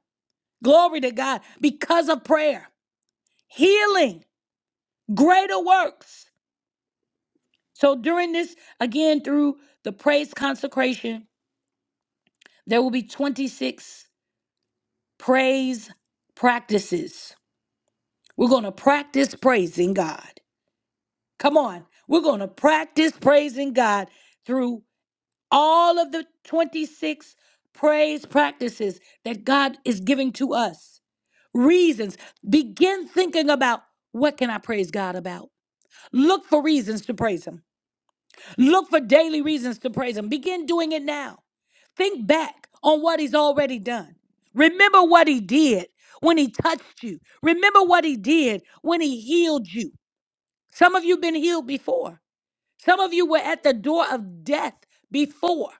Glory to God because of prayer. Healing, greater works. So during this, again, through the praise consecration, there will be 26 praise practices We're going to practice praising God. Come on. We're going to practice praising God through all of the 26 praise practices that God is giving to us. Reasons. Begin thinking about what can I praise God about? Look for reasons to praise him. Look for daily reasons to praise him. Begin doing it now. Think back on what he's already done. Remember what he did when he touched you. Remember what he did when he healed you. Some of you been healed before. Some of you were at the door of death before.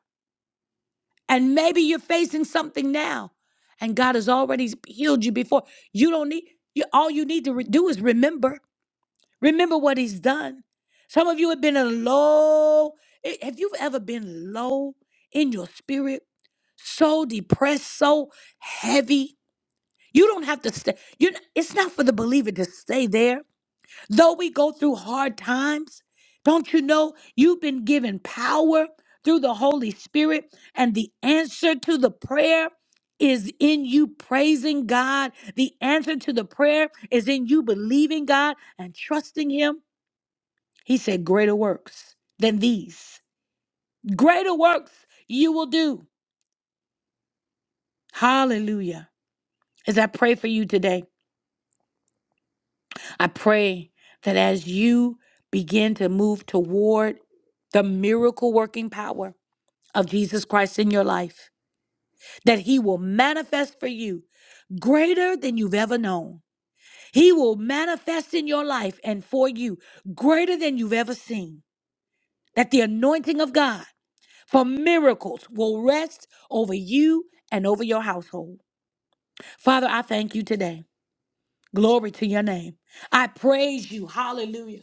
And maybe you're facing something now and God has already healed you before. You don't need you all you need to re- do is remember. Remember what he's done. Some of you have been in low. i- Have you ever been low in your spirit? So depressed, so heavy. You don't have to stay. You it's not for the believer to stay there. Though we go through hard times, don't you know you've been given power through the Holy Spirit? And the answer to the prayer is in you praising God. The answer to the prayer is in you believing God and trusting Him. He said, Greater works than these, greater works you will do. Hallelujah. As I pray for you today, I pray that as you begin to move toward the miracle working power, of Jesus Christ in your life that he will manifest for you greater than you've ever known. He will manifest in your life and for you greater than you've ever seen. That the anointing of God for miracles will rest over you and over your household. Father, I thank you today. Glory to your name. I praise you. Hallelujah.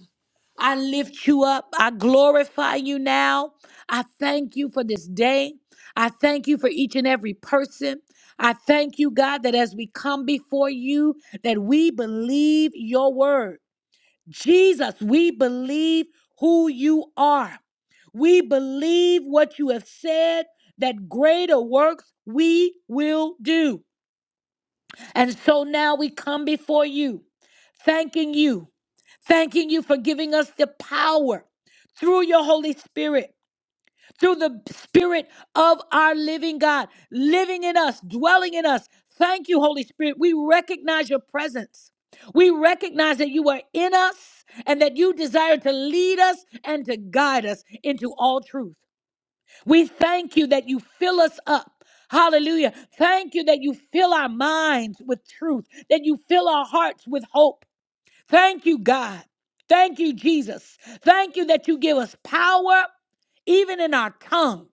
I lift you up. I glorify you now. I thank you for this day. I thank you for each and every person. I thank you, God, that as we come before you, that we believe your word. Jesus, we believe who you are. We believe what you have said, that greater works we will do. And so now we come before you thanking you, thanking you for giving us the power through your Holy Spirit, through the Spirit of our living God, living in us, dwelling in us. Thank you, Holy Spirit. We recognize your presence. We recognize that you are in us and that you desire to lead us and to guide us into all truth. We thank you that you fill us up. Hallelujah. Thank you that you fill our minds with truth, that you fill our hearts with hope, Thank you, God. Thank you, Jesus. Thank you that you give us power even in our tongue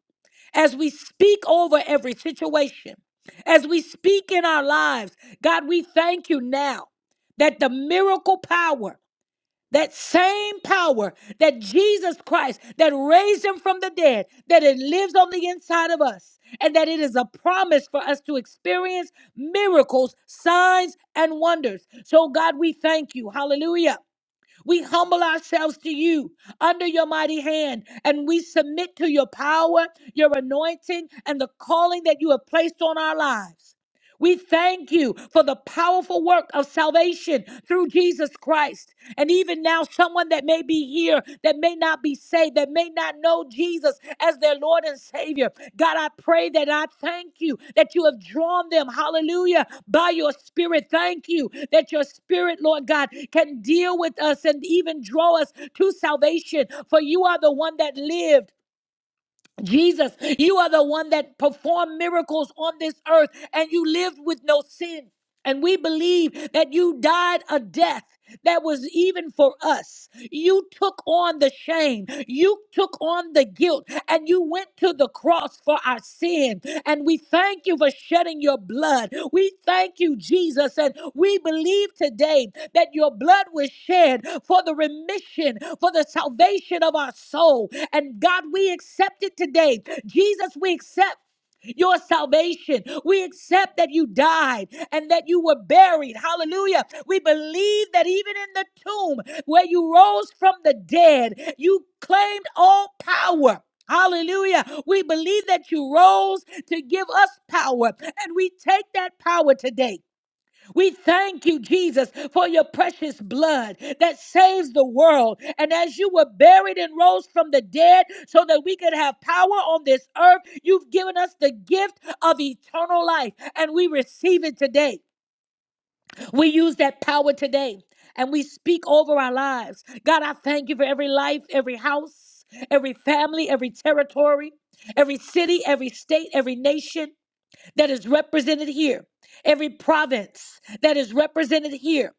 as we speak over every situation, as we speak in our lives. God, we thank you now that the miracle power, that same power that Jesus Christ, that raised him from the dead, that it lives on the inside of us, and that it is a promise for us to experience miracles, signs, and wonders. So, God, we thank you. Hallelujah we humble ourselves to you under your mighty hand and we submit to your power, your anointing, and the calling that you have placed on our lives. We thank you for the powerful work of salvation through Jesus Christ. And even now, someone that may be here, that may not be saved, that may not know Jesus as their Lord and Savior, God, I pray that I thank you that you have drawn them, hallelujah, by your Spirit. Thank you that your Spirit, Lord God, can deal with us and even draw us to salvation. For you are the one that lived. Jesus, you are the one that performed miracles on this earth and you lived with no sin. And we believe that you died a death that was even for us. You took on the shame, you took on the guilt, and you went to the cross cross for our sin. And we thank you for shedding your blood. We thank you, Jesus. And we believe today that your blood was shed for the remission, for the salvation of our soul. And God, we accept it today. Jesus, we accept your salvation. We accept that you died and that you were buried. Hallelujah. We believe that even in the tomb where you rose from the dead, you claimed all power. Hallelujah. We believe that you rose to give us power, and we take that power today. We thank you, Jesus, for your precious blood that saves the world. And as you were buried and rose from the dead so that we could have power on this earth, you've given us the gift of eternal life. And we receive it today. We use that power today and we speak over our lives. God, I thank you for every life, every house, every family, every territory, every city, every state, every nation that is represented here, every province that is represented here,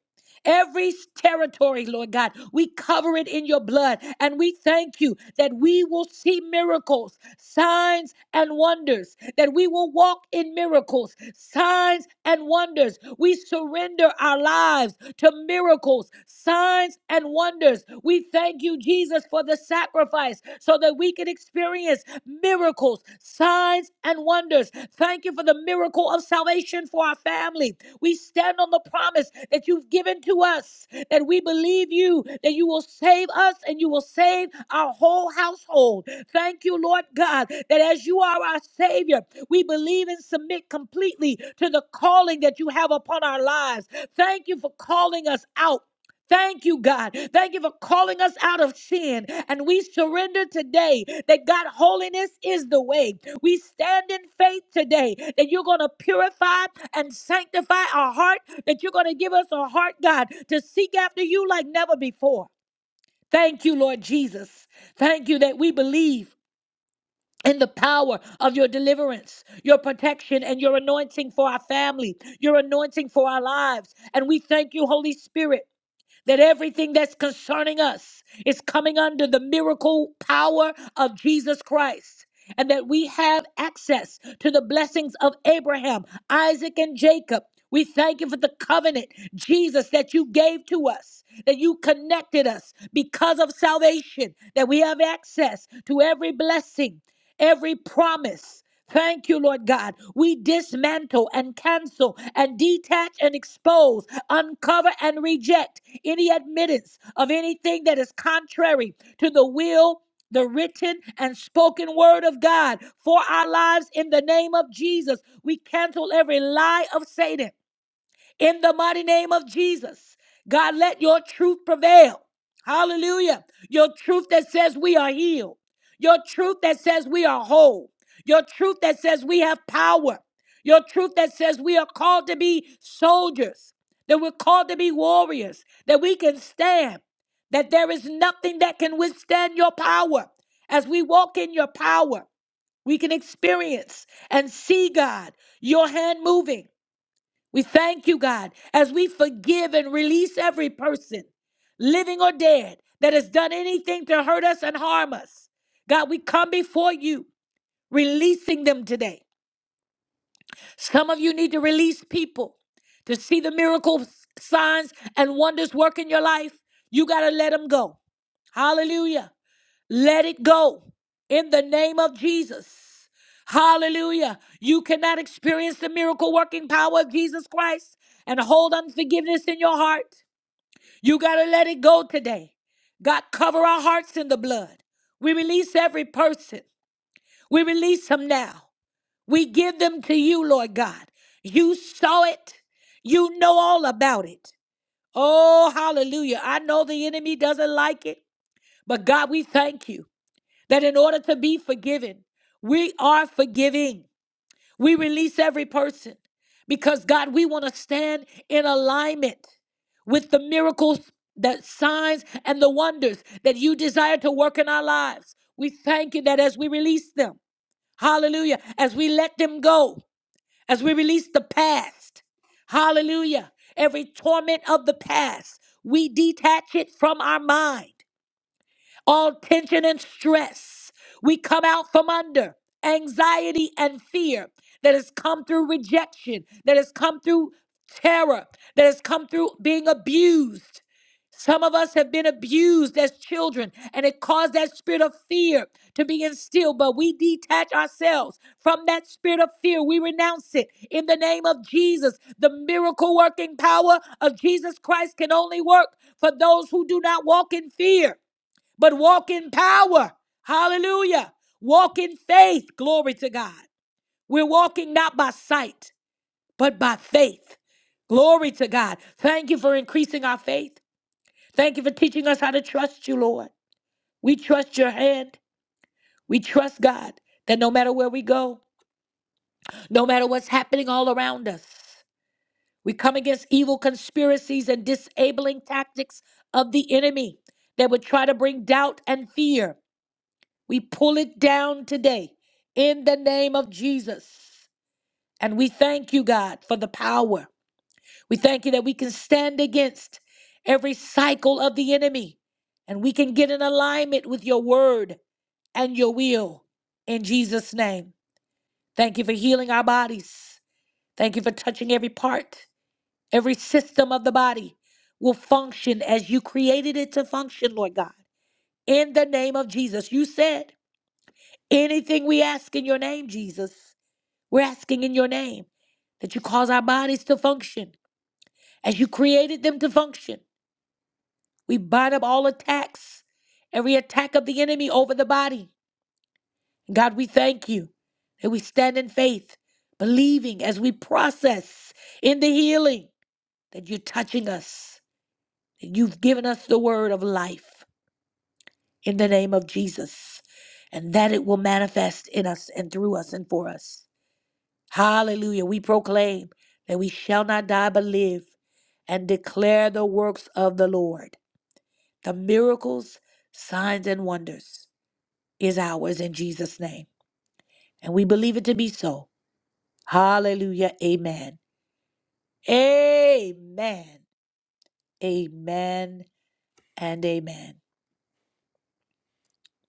every territory, Lord God, we cover it in your blood. And we thank you that we will see miracles, signs, and wonders, that we will walk in miracles, signs, and wonders. We surrender our lives to miracles, signs, and wonders. We thank you, Jesus, for the sacrifice so that we can experience miracles, signs and wonders. Thank you for the miracle of salvation for our family. We stand on the promise that you've given to us, that we believe you, that you will save us and you will save our whole household. Thank you, Lord God, that as you are our Savior, we believe and submit completely to the calling that you have upon our lives. Thank you for calling us out. Thank you, God. Thank you for calling us out of sin. And we surrender today that God, holiness is the way. We stand in faith today that you're going to purify and sanctify our heart, that you're going to give us a heart, God, to seek after you like never before. Thank you, Lord Jesus. Thank you that we believe in the power of your deliverance, your protection, and your anointing for our family, your anointing for our lives. And we thank you, Holy Spirit that everything that's concerning us is coming under the miracle power of Jesus Christ. And that we have access to the blessings of Abraham, Isaac, and Jacob. We thank you for the covenant, Jesus, that you gave to us, that you connected us because of salvation, that we have access to every blessing, every promise. Thank you, Lord God. We dismantle and cancel and detach and expose, uncover and reject any admittance of anything that is contrary to the will, the written and spoken word of God for our lives in the name of Jesus. We cancel every lie of Satan in the mighty name of Jesus. God, let your truth prevail. Hallelujah. Your truth that says we are healed. Your truth that says we are whole. Your truth that says we have power. Your truth that says we are called to be soldiers, that we're called to be warriors, that we can stand, that there is nothing that can withstand your power. As we walk in your power, we can experience and see God, your hand moving. We thank you, God, as we forgive and release every person, living or dead, that has done anything to hurt us and harm us. God, we come before you, releasing them today. Some of you need to release people to see the miracles, signs, and wonders work in your life. You got to let them go. Hallelujah. Let it go in the name of Jesus. Hallelujah. You cannot experience the miracle working power of Jesus Christ and hold unforgiveness in your heart. You got to let it go today. God, cover our hearts in the blood. We release every person. We release them now. We give them to you, Lord God. You saw it. You know all about it. Oh, hallelujah. I know the enemy doesn't like it, but God, we thank you that in order to be forgiven, we are forgiving. We release every person because God, we want to stand in alignment with the miracles, the signs, and the wonders that you desire to work in our lives. We thank you that as we release them, hallelujah, as we let them go, as we release the past, hallelujah, every torment of the past, we detach it from our mind all tension and stress. We come out from under anxiety and fear that has come through rejection, that has come through terror, that has come through being abused. Some of us have been abused as children, and it caused that spirit of fear to be instilled. But we detach ourselves from that spirit of fear. We renounce it in the name of Jesus. The miracle working power of Jesus Christ can only work for those who do not walk in fear but walk in power. Hallelujah. Walk in faith. Glory to God. We're walking not by sight, but by faith. Glory to God. Thank you for increasing our faith. Thank you for teaching us how to trust you, Lord. We trust your hand. We trust God that no matter where we go, no matter what's happening all around us, we come against evil conspiracies and disabling tactics of the enemy that would try to bring doubt and fear. We pull it down today in the name of Jesus. And we thank you, God, for the power. We thank you that we can stand against every cycle of the enemy and we can get in alignment with your word and your will in Jesus' name. Thank you for healing our bodies. Thank you for touching every part, every system of the body will function as you created it to function, Lord God. In the name of Jesus, you said, anything we ask in your name, Jesus. We're asking in your name that you cause our bodies to function as you created them to function. We bind up all attacks, every attack of the enemy over the body. God, we thank you that we stand in faith, believing as we process in the healing that you're touching us, that you've given us the word of life in the name of Jesus, and that it will manifest in us and through us and for us. Hallelujah. We proclaim that we shall not die but live and declare the works of the Lord. The miracles, signs, and wonders is ours in Jesus' name. And we believe it to be so. Hallelujah. Amen. Amen. Amen and amen.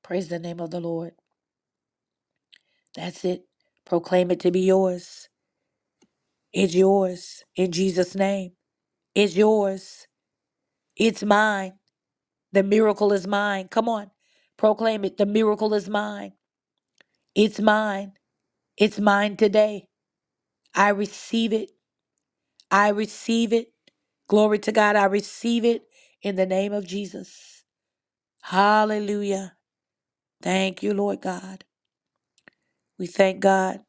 Praise the name of the Lord. That's it. Proclaim it to be yours. It's yours in Jesus' name. It's yours. It's mine. The miracle is mine. Come on, proclaim it. The miracle is mine. It's mine. It's mine today. I receive it. I receive it. Glory to God. I receive it in the name of Jesus. Hallelujah. Thank you, Lord God. We thank God.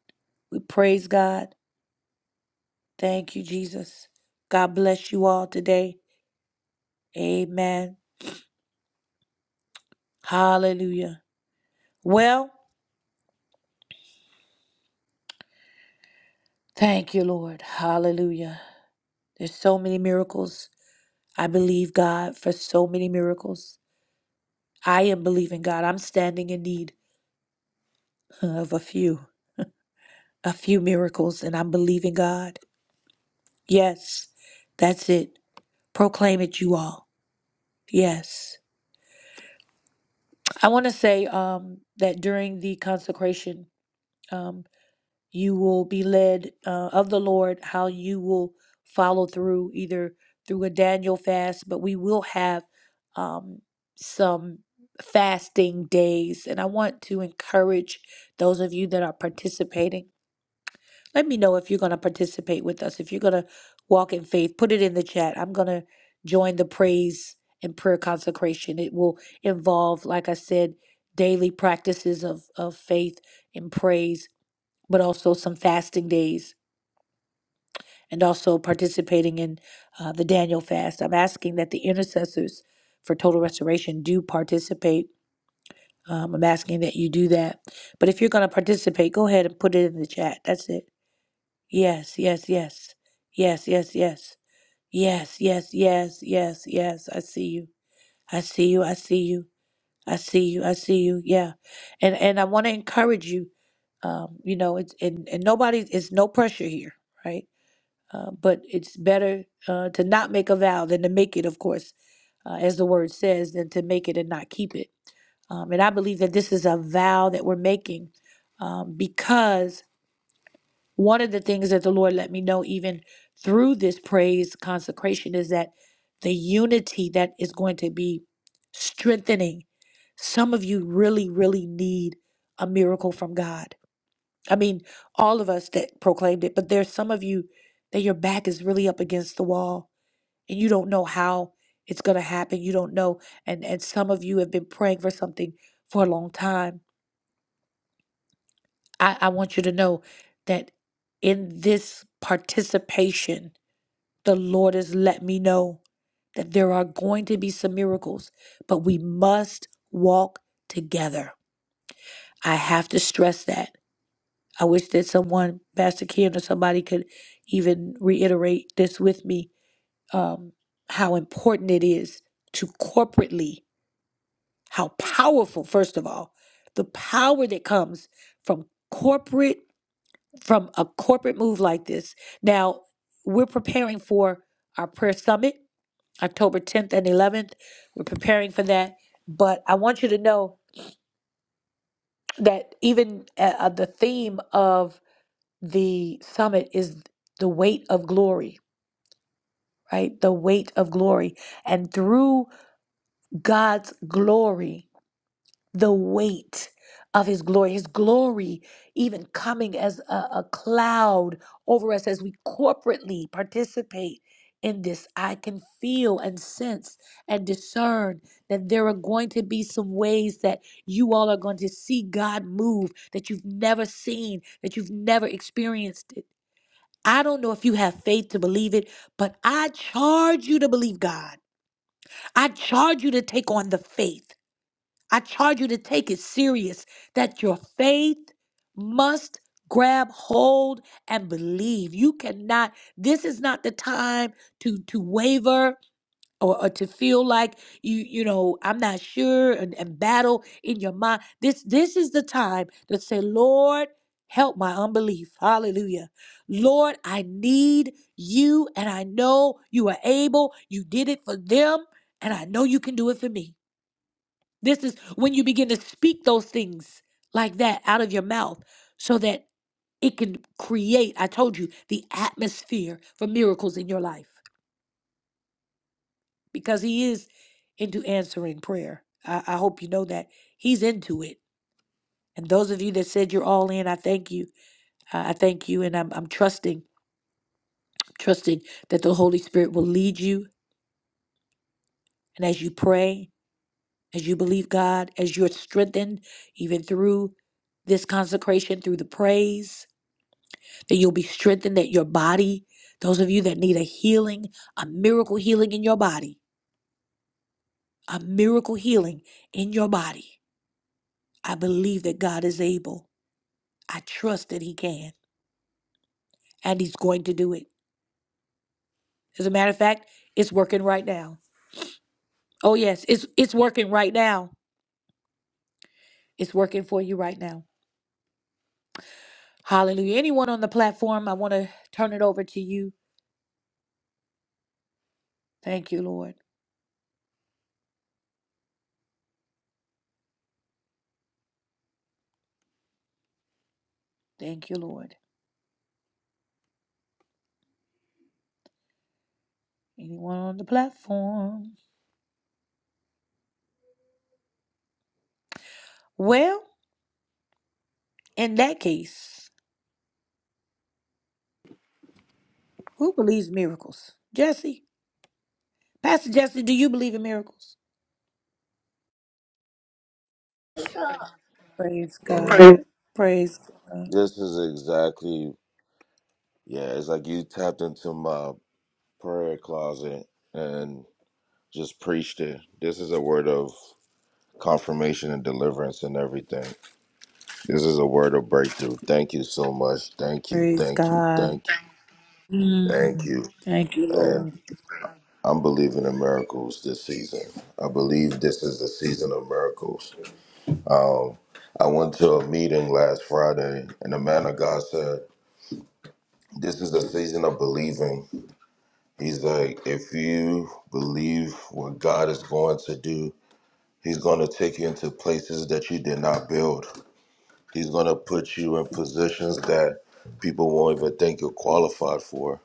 We praise God. Thank you, Jesus. God bless you all today. Amen. Hallelujah. Well, thank you, Lord. Hallelujah. There's so many miracles I believe God for so many miracles. I am believing God. I'm standing in need of a few, a few miracles, and I'm believing God. Yes, that's it. Proclaim it, you all. Yes. I want to say um, that during the consecration, um, you will be led uh, of the Lord, how you will follow through either through a Daniel fast, but we will have um, some fasting days. And I want to encourage those of you that are participating. Let me know if you're going to participate with us. If you're going to walk in faith, put it in the chat. I'm going to join the praise and prayer consecration. It will involve, like I said, daily practices of, of faith and praise but also some fasting days and also participating in uh, the Daniel fast. I'm asking that the intercessors for total restoration do participate. Um, I'm asking that you do that. But if you're going to participate, go ahead and put it in the chat. That's it. Yes, yes, yes. Yes, yes, yes. Yes, yes, yes, yes, yes. I see you. I see you. I see you. I see you. I see you. Yeah. And and I want to encourage you. Um, you know, it's and, and nobody it's no pressure here, right? Uh, but it's better uh, to not make a vow than to make it, of course, uh, as the word says, than to make it and not keep it. Um, and I believe that this is a vow that we're making um, because one of the things that the Lord let me know, even through this praise consecration, is that the unity that is going to be strengthening. Some of you really, really need a miracle from God I mean, all of us that proclaimed it, but there's some of you that your back is really up against the wall and you don't know how it's going to happen. You don't know. And, and some of you have been praying for something for a long time. I, I want you to know that in this participation, the Lord has let me know that there are going to be some miracles, but we must walk together. I have to stress that. I wish that someone, Pastor Ken or somebody, could even reiterate this with me um, how important it is to corporately, how powerful, first of all, the power that comes from corporate, from a corporate move like this. Now, we're preparing for our prayer summit, October 10th and 11th. We're preparing for that. But I want you to know that even uh, uh, the theme of the summit is the weight of glory, right? The weight of glory. And through God's glory, the weight of his glory, his glory even coming as a, a cloud over us as we corporately participate in this, I can feel and sense and discern that there are going to be some ways that you all are going to see God move that you've never seen, that you've never experienced. I don't know if you have faith to believe it, but I charge you to believe God. I charge you to take on the faith. I charge you to take it serious that your faith must grab hold and believe. You cannot, this is not the time to to waver or, or to feel like you you know i'm not sure and, and battle in your mind this this is the time to say lord help my unbelief hallelujah lord i need you and i know you are able you did it for them and i know you can do it for me this is when you begin to speak those things like that out of your mouth so that it can create i told you the atmosphere for miracles in your life because he is into answering prayer. I, I hope you know that he's into it. And those of you that said you're all in, I thank you. I I thank you, and I'm I'm trusting, trusting that the Holy Spirit will lead you. And as you pray, as you believe God, as you're strengthened, even through this consecration, through the praise, that you'll be strengthened. That your body, those of you that need a healing, a miracle healing in your body, a miracle healing in your body, I believe that God is able. I trust that He can, and He's going to do it. As a matter of fact, it's working right now. Oh yes, it's it's working right now. It's working for you right now. Hallelujah. Anyone on the platform, I want to turn it over to you. Thank you, Lord. Thank you, Lord. Anyone on the platform? Well, in that case, who believes miracles? Jesse. Pastor Jesse, do you believe in miracles? Praise
All right.
God. Praise
This is exactly, yeah, it's like you tapped into my prayer closet and just preached it. This is a word of confirmation and deliverance and everything. This is a word of breakthrough. Thank you so much. Thank you,
praise
thank you,
God.
thank you, thank
Mm.
you.
Thank you,
And
Lord.
I'm believing in miracles this season. I believe this is the season of miracles. Um, I went to a meeting last Friday and the man of God said, This is the season of believing He's like, if you believe what God is going to do, He's going to take you into places that you did not build. He's going to put you in positions that people won't even think you're qualified for.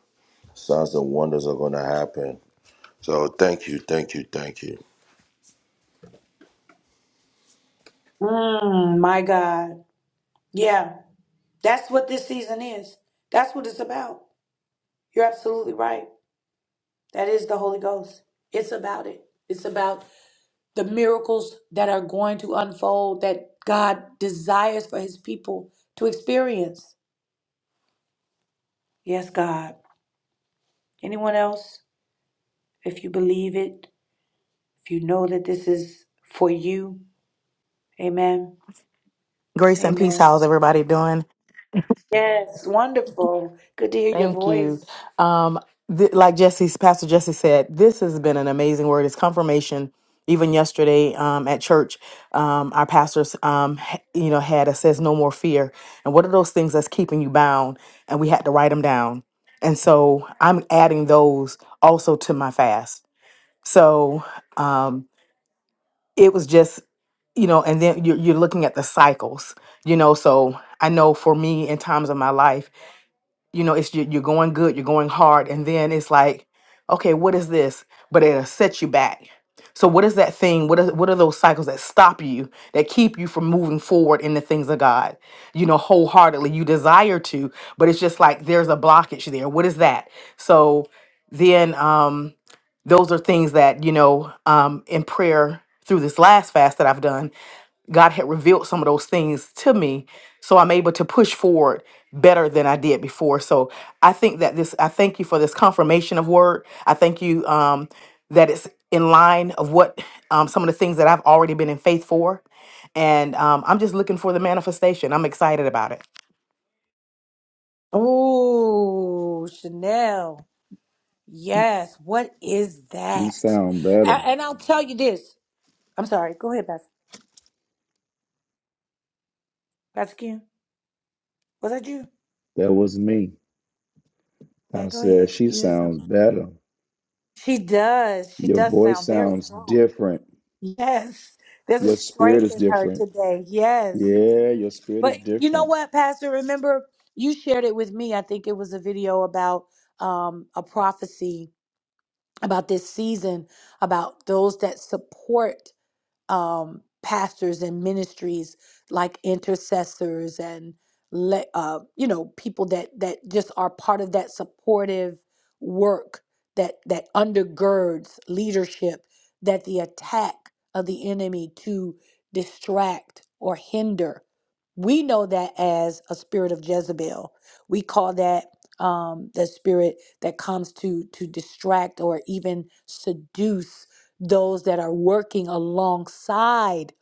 Signs and wonders are going to happen. So thank you, thank you, thank you.
Mm, my God. Yeah, that's what this season is. That's what it's about. You're absolutely right. That is the Holy Ghost. It's about it. It's about the miracles that are going to unfold that God desires for his people to experience. Yes, God. Anyone else? If you believe it, if you know that this is for you, amen.
Grace and peace.
Amen.
How's everybody doing?
Yes, wonderful. Good to hear your
Thank you.
voice.
Um, th- like Jesse's Pastor Jesse said, this has been an amazing word. It's confirmation. Even yesterday um, at church, um, our pastors, um, h- you know, had a says no more fear. And what are those things that's keeping you bound? And we had to write them down. And so I'm adding those also to my fast. So um, it was just, you know, and then you're, you're looking at the cycles, you know. So I know for me in times of my life you know it's you- you're going good you're going hard and then it's like okay what is this but it'll set you back so what is that thing what are, what are those cycles that stop you that keep you from moving forward in the things of god you know wholeheartedly you desire to but it's just like there's a blockage there what is that so then um those are things that you know um in prayer through this last fast that i've done God had revealed some of those things to me. So I'm able to push forward better than I did before. So I think that this, I thank you for this confirmation of word. I thank you um, that it's in line of what um, some of the things that I've already been in faith for. And um, I'm just looking for the manifestation. I'm excited about it.
Oh, Chanel. Yes. What is
You
that?
sound better.
A- And I'll tell you this. I'm sorry. Go ahead, Pastor. Pastor Kim. Was that you?
That was me.
Okay,
I
go
said,
ahead.
She
You had
sounds
something.
better.
She does. She
Your
does
voice
sound very
sounds
strong.
different.
Yes. There's a
Your spirit
strength
is
in her
different.
today. Yes.
Yeah, your spirit
But
is
you know
different.
what, Pastor? Remember, you shared it with me. I think it was a video about um, a prophecy about this season, about those that support. um, pastors and ministries like intercessors and le- uh, you know people that that just are part of that supportive work that that undergirds leadership that the attack of the enemy to distract or hinder we know that as a spirit of Jezebel. We call that um, the spirit that comes to to distract or even seduce those that are working alongside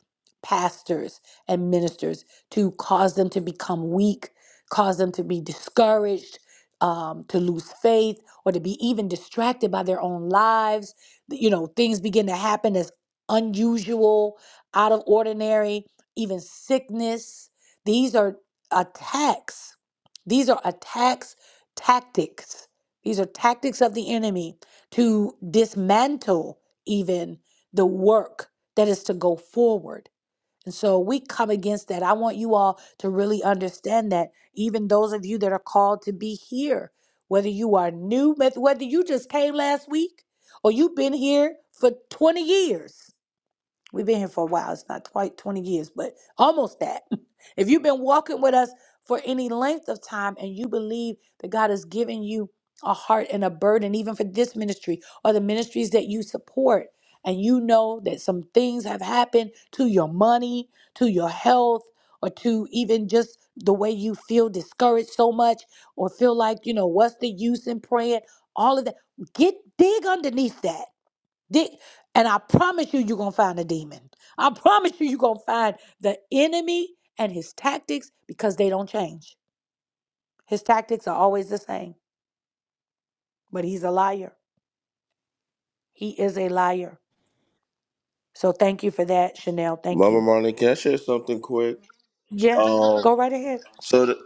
pastors and ministers to cause them to become weak, cause them to be discouraged, um, to lose faith, or to be even distracted by their own lives. You know, things begin to happen as unusual, out of ordinary, even sickness. These are attacks. These are attacks, tactics. These are tactics of the enemy to dismantle even the work that is to go forward. And so we come against that. I want you all to really understand that, even those of you that are called to be here, whether you are new, whether you just came last week or you've been here for 20 years We've been here for a while. It's not quite 20 years, but almost that. If you've been walking with us for any length of time and you believe that God has given you a heart and a burden, even for this ministry or the ministries that you support, and you know that some things have happened to your money, to your health, or to even just the way you feel discouraged so much or feel like, you know, what's the use in praying? All of that. Get dig underneath that they, and I promise you, you're going to find a demon. I promise you, you're going to find the enemy and his tactics because they don't change. His tactics are always the same, but he's a liar. He is a liar. So thank you for that, Chanel. Thank
Mama
you.
Monica, can I share something quick?
Yes,
Um,
go right ahead.
So th-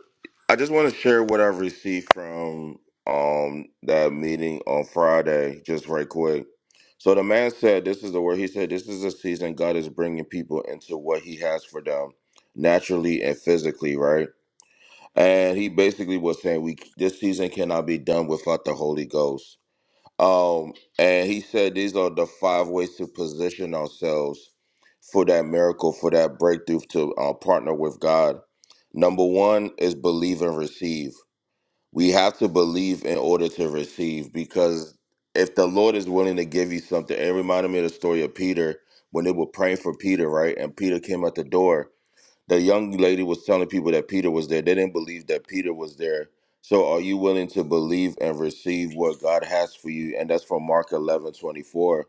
I just want to share what I've received from um that meeting on Friday, just right quick. So the man said, "This is the word." He said, "This is the season God is bringing people into what He has for them, naturally and physically, right?" And he basically was saying, "We this season cannot be done without the Holy Ghost." Um, and he said these are the five ways to position ourselves for that miracle, for that breakthrough, to uh, partner with God. Number one is believe and receive. We have to believe in order to receive because if the Lord is willing to give you something, it reminded me of the story of Peter when they were praying for Peter, right? And Peter came at the door the young lady was telling people that Peter was there. They didn't believe that Peter was there. So are you willing to believe and receive what God has for you? And that's from Mark 11 24.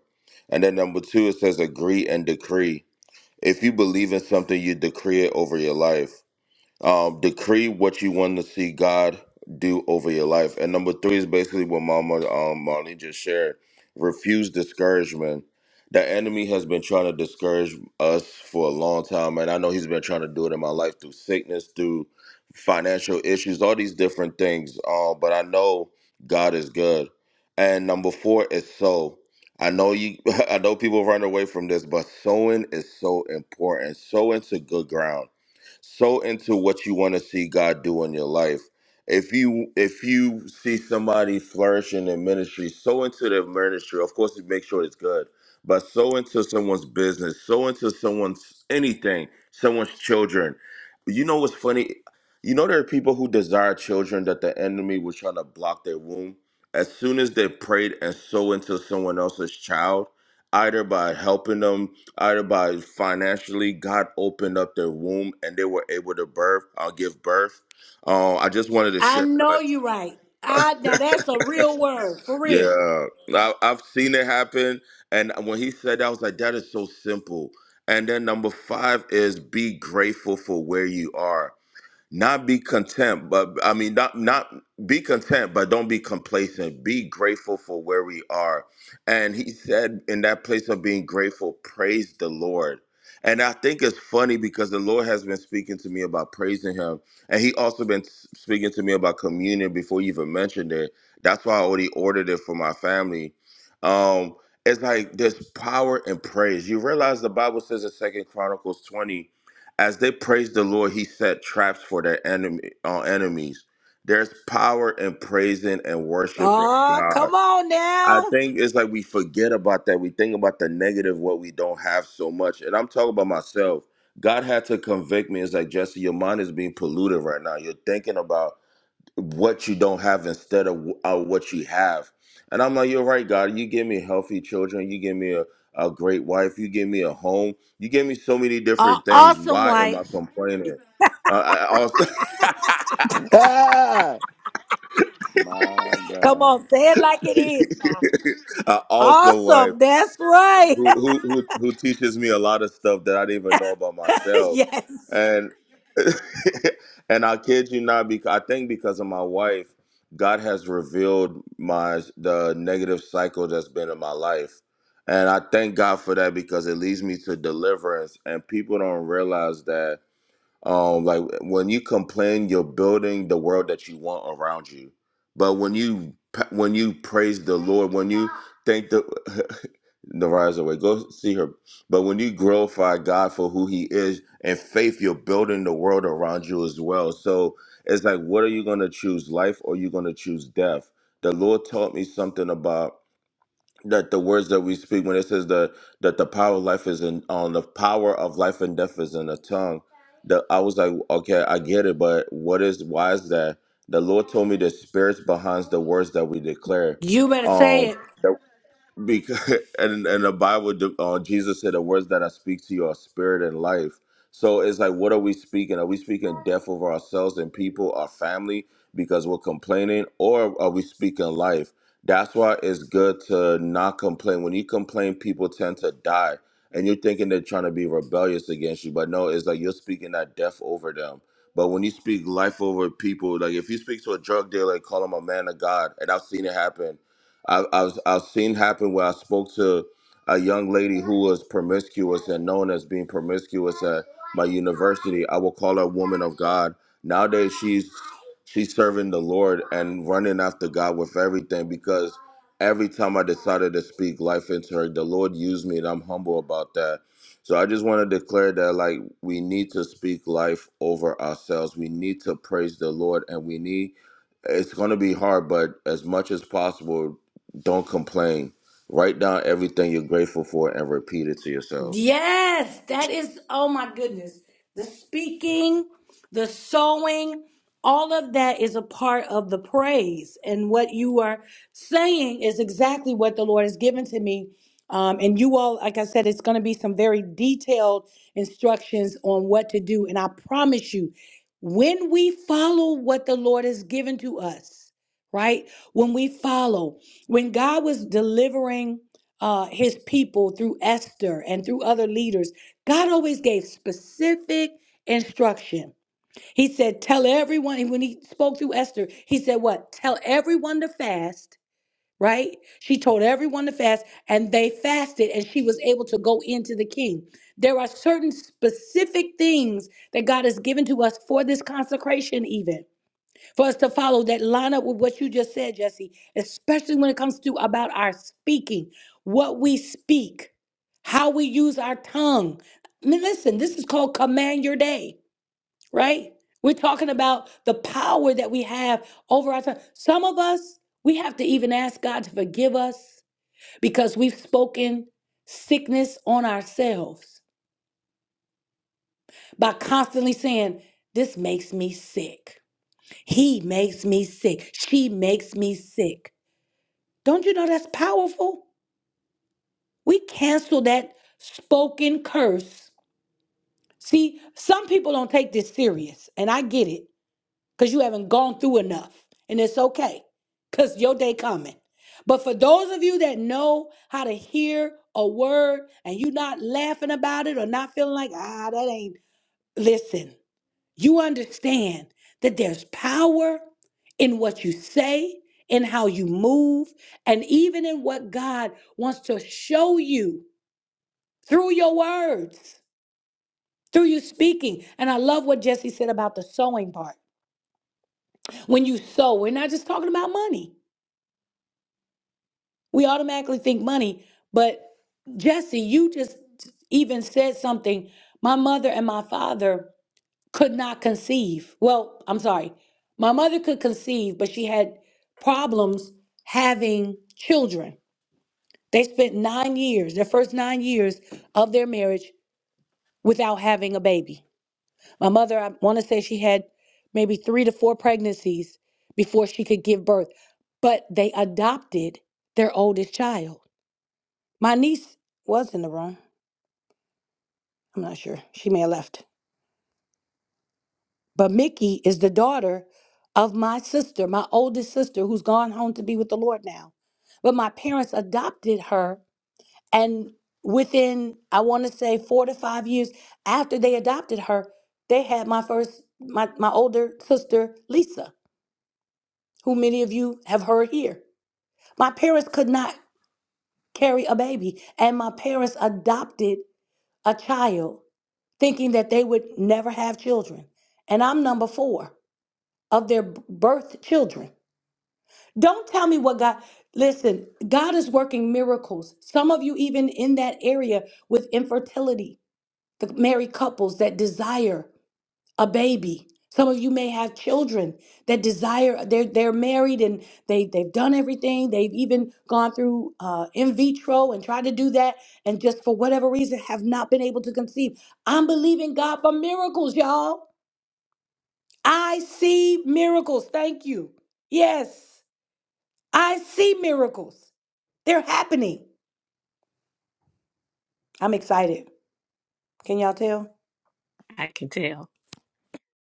And then number two, it says agree and decree. If you believe in something, you decree it over your life. Um, decree what you want to see God do over your life. And number three is basically what Mama um, Marlene just shared. Refuse discouragement. The enemy has been trying to discourage us for a long time, and I know he's been trying to do it in my life through sickness, through financial issues, all these different things. Uh, but I know God is good. And number four is so. I know you. I know people run away from this, but sowing is so important. Sow into good ground so into what you want to see God do in your life. If you if you see somebody flourishing in ministry, so into their ministry. Of course, make sure it's good, but so into someone's business, so into someone's anything, someone's children. You know what's funny? You know there are people who desire children that the enemy was trying to block their womb. As soon as they prayed and so into someone else's child, either by helping them Everybody's financially, God opened up their womb and they were able to birth, uh, give birth. Um, I just wanted to
I
share
know
that,
you right.
like,
I now that's a real word for real.
yeah, I, I've seen it happen. And when he said that, I was like, that is so simple. And then number five is be grateful for where you are not be content, but I mean, not not be content, but don't be complacent. Be grateful for where we are. And he said, in that place of being grateful, praise the Lord. And I think it's funny because the Lord has been speaking to me about praising Him, and He also been s- speaking to me about communion before you even mentioned it. That's why I already ordered it for my family. Um, it's like there's power in praise. You realize the Bible says in Second Chronicles 20 as they praised the Lord, he set traps for their enemy, uh, enemies. There's power in praising and worshiping
Oh,
God.
come on
I
now.
think it's like we forget about that. We think about the negative, what we don't have so much. And I'm talking about myself. God had to convict me. It's like, Jesse, your mind is being polluted right now. You're thinking about what you don't have instead of uh, what you have. And I'm like, you're right, God. You give me healthy children. You give me a, a great wife. You give me a home. You give me so many
Uh,
different things.
awesome
Why am I
wife.
complaining? Uh, I also,
Ah! My
Come
God.
on, say it like it is now.
I also wife.
Awesome. That's right.
who who who who teaches me a lot of stuff that I didn't even know about myself,
yes.
and and I kid you not, because I think because of my wife, God has revealed my the negative cycle that's been in my life, and I thank God for that because it leads me to deliverance, and people don't realize that um, like when you complain, you're building the world that you want around you. But when you when you praise the Lord, when you thank the the rise away, go see her. But when you glorify God for who He is and faith, you're building the world around you as well. So it's like, what are you going to choose, life or you going to choose death? The Lord taught me something about that the words that we speak when it says that that the power of life is in on the power of life and death is in the tongue that i was like okay i get it but what is why is that the lord told me the spirits behind the words that we declare
You better
um
say it.
because and and the Bible, uh, Jesus said, "The words that I speak to you are spirit and life." So it's like, what are we speaking? Are we speaking death over ourselves and people, our family, because we're complaining, or are we speaking life? That's why it's good to not complain. When you complain, people tend to die, and you're thinking they're trying to be rebellious against you, but no, it's like you're speaking that death over them. But when you speak life over people, like if you speak to a drug dealer, call him a man of God, and I've seen it happen I, I've I've seen happen where I spoke to a young lady who was promiscuous and known as being promiscuous at my university. I will call her woman of God. Nowadays, she's she's serving the Lord and running after God with everything because every time I decided to speak life into her, the Lord used me, and I'm humble about that. So I just want to declare that like we need to speak life over ourselves. We need to praise the Lord, and we need it's going to be hard, but as much as possible, don't complain. Write down everything you're grateful for and repeat it to yourself.
Yes, that is, oh my goodness. The speaking, the sowing, all of that is a part of the praise. And what you are saying is exactly what the Lord has given to me. Um, and you all, like I said, it's going to be some very detailed instructions on what to do. And I promise you, when we follow what the Lord has given to us, right? When we follow, when God was delivering uh, his people through Esther and through other leaders, God always gave specific instruction. He said, Tell everyone, And when he spoke through Esther, he said, What? Tell everyone to fast, right? She told everyone to fast, and they fasted, and she was able to go into the king. There are certain specific things that God has given to us for this consecration, even for us to follow that line up with what you just said, Jesse, especially when it comes to about our speaking, what we speak, how we use our tongue. I mean, listen, this is called command your day, right? We're talking about the power that we have over our tongue. Some of us, we have to even ask God to forgive us because we've spoken sickness on ourselves by constantly saying, This makes me sick. He makes me sick. She makes me sick. Don't you know that's powerful? We cancel that spoken curse. See, some people don't take this serious, and I get it, because you haven't gone through enough, and it's okay, because your day coming. But for those of you that know how to hear a word and you not laughing about it or not feeling like, ah, that ain't, listen, you understand that there's power in what you say, in how you move, and even in what God wants to show you through your words, through you speaking. And I love what Jesse said about the sowing part. When you sow, we're not just talking about money. We automatically think money, but Jesse, you just even said something. My mother and my father could not conceive. Well, I'm sorry. My mother could conceive, but she had problems having children. They spent nine years, their first nine years of their marriage, without having a baby. My mother, I want to say she had maybe three to four pregnancies before she could give birth, but they adopted their oldest child. My niece was in the room. I'm not sure. She may have left. But Mickey is the daughter of my sister, my oldest sister, who's gone home to be with the Lord now. But my parents adopted her. And within, I want to say, four to five years after they adopted her, they had my first, my, my older sister, Lisa, who many of you have heard here. My parents could not carry a baby. And my parents adopted a child thinking that they would never have children. And I'm number four of their b- birth children. Don't tell me what God, listen, God is working miracles. Some of you, even in that area with infertility, the married couples that desire a baby. Some of you may have children that desire, they're, they're married and they, they've done everything. They've even gone through uh, in vitro and tried to do that and just for whatever reason have not been able to conceive. I'm believing God for miracles, y'all. I see miracles. Thank you. Yes, I see miracles. They're happening. I'm excited. Can y'all tell?
I can tell.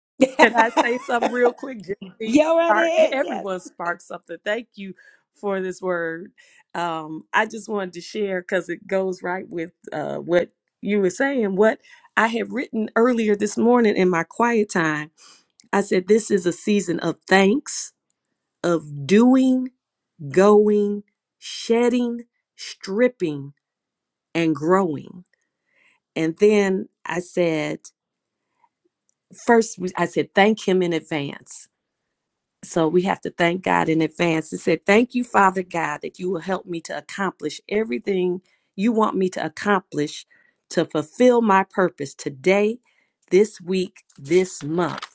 y'all
Can I say something real quick? Just to
right
Spark,
ahead. Yes.
everyone sparks something. Thank you for this word. Um, I just wanted to share because it goes right with uh, what you were saying. What I had written earlier this morning in my quiet time, I said, This is a season of thanks, of doing, going, shedding, stripping, and growing. And then I said, first, we- I said, thank him in advance. So we have to thank God in advance. It said, Thank you, Father God, that you will help me to accomplish everything you want me to accomplish to fulfill my purpose today, this week, this month.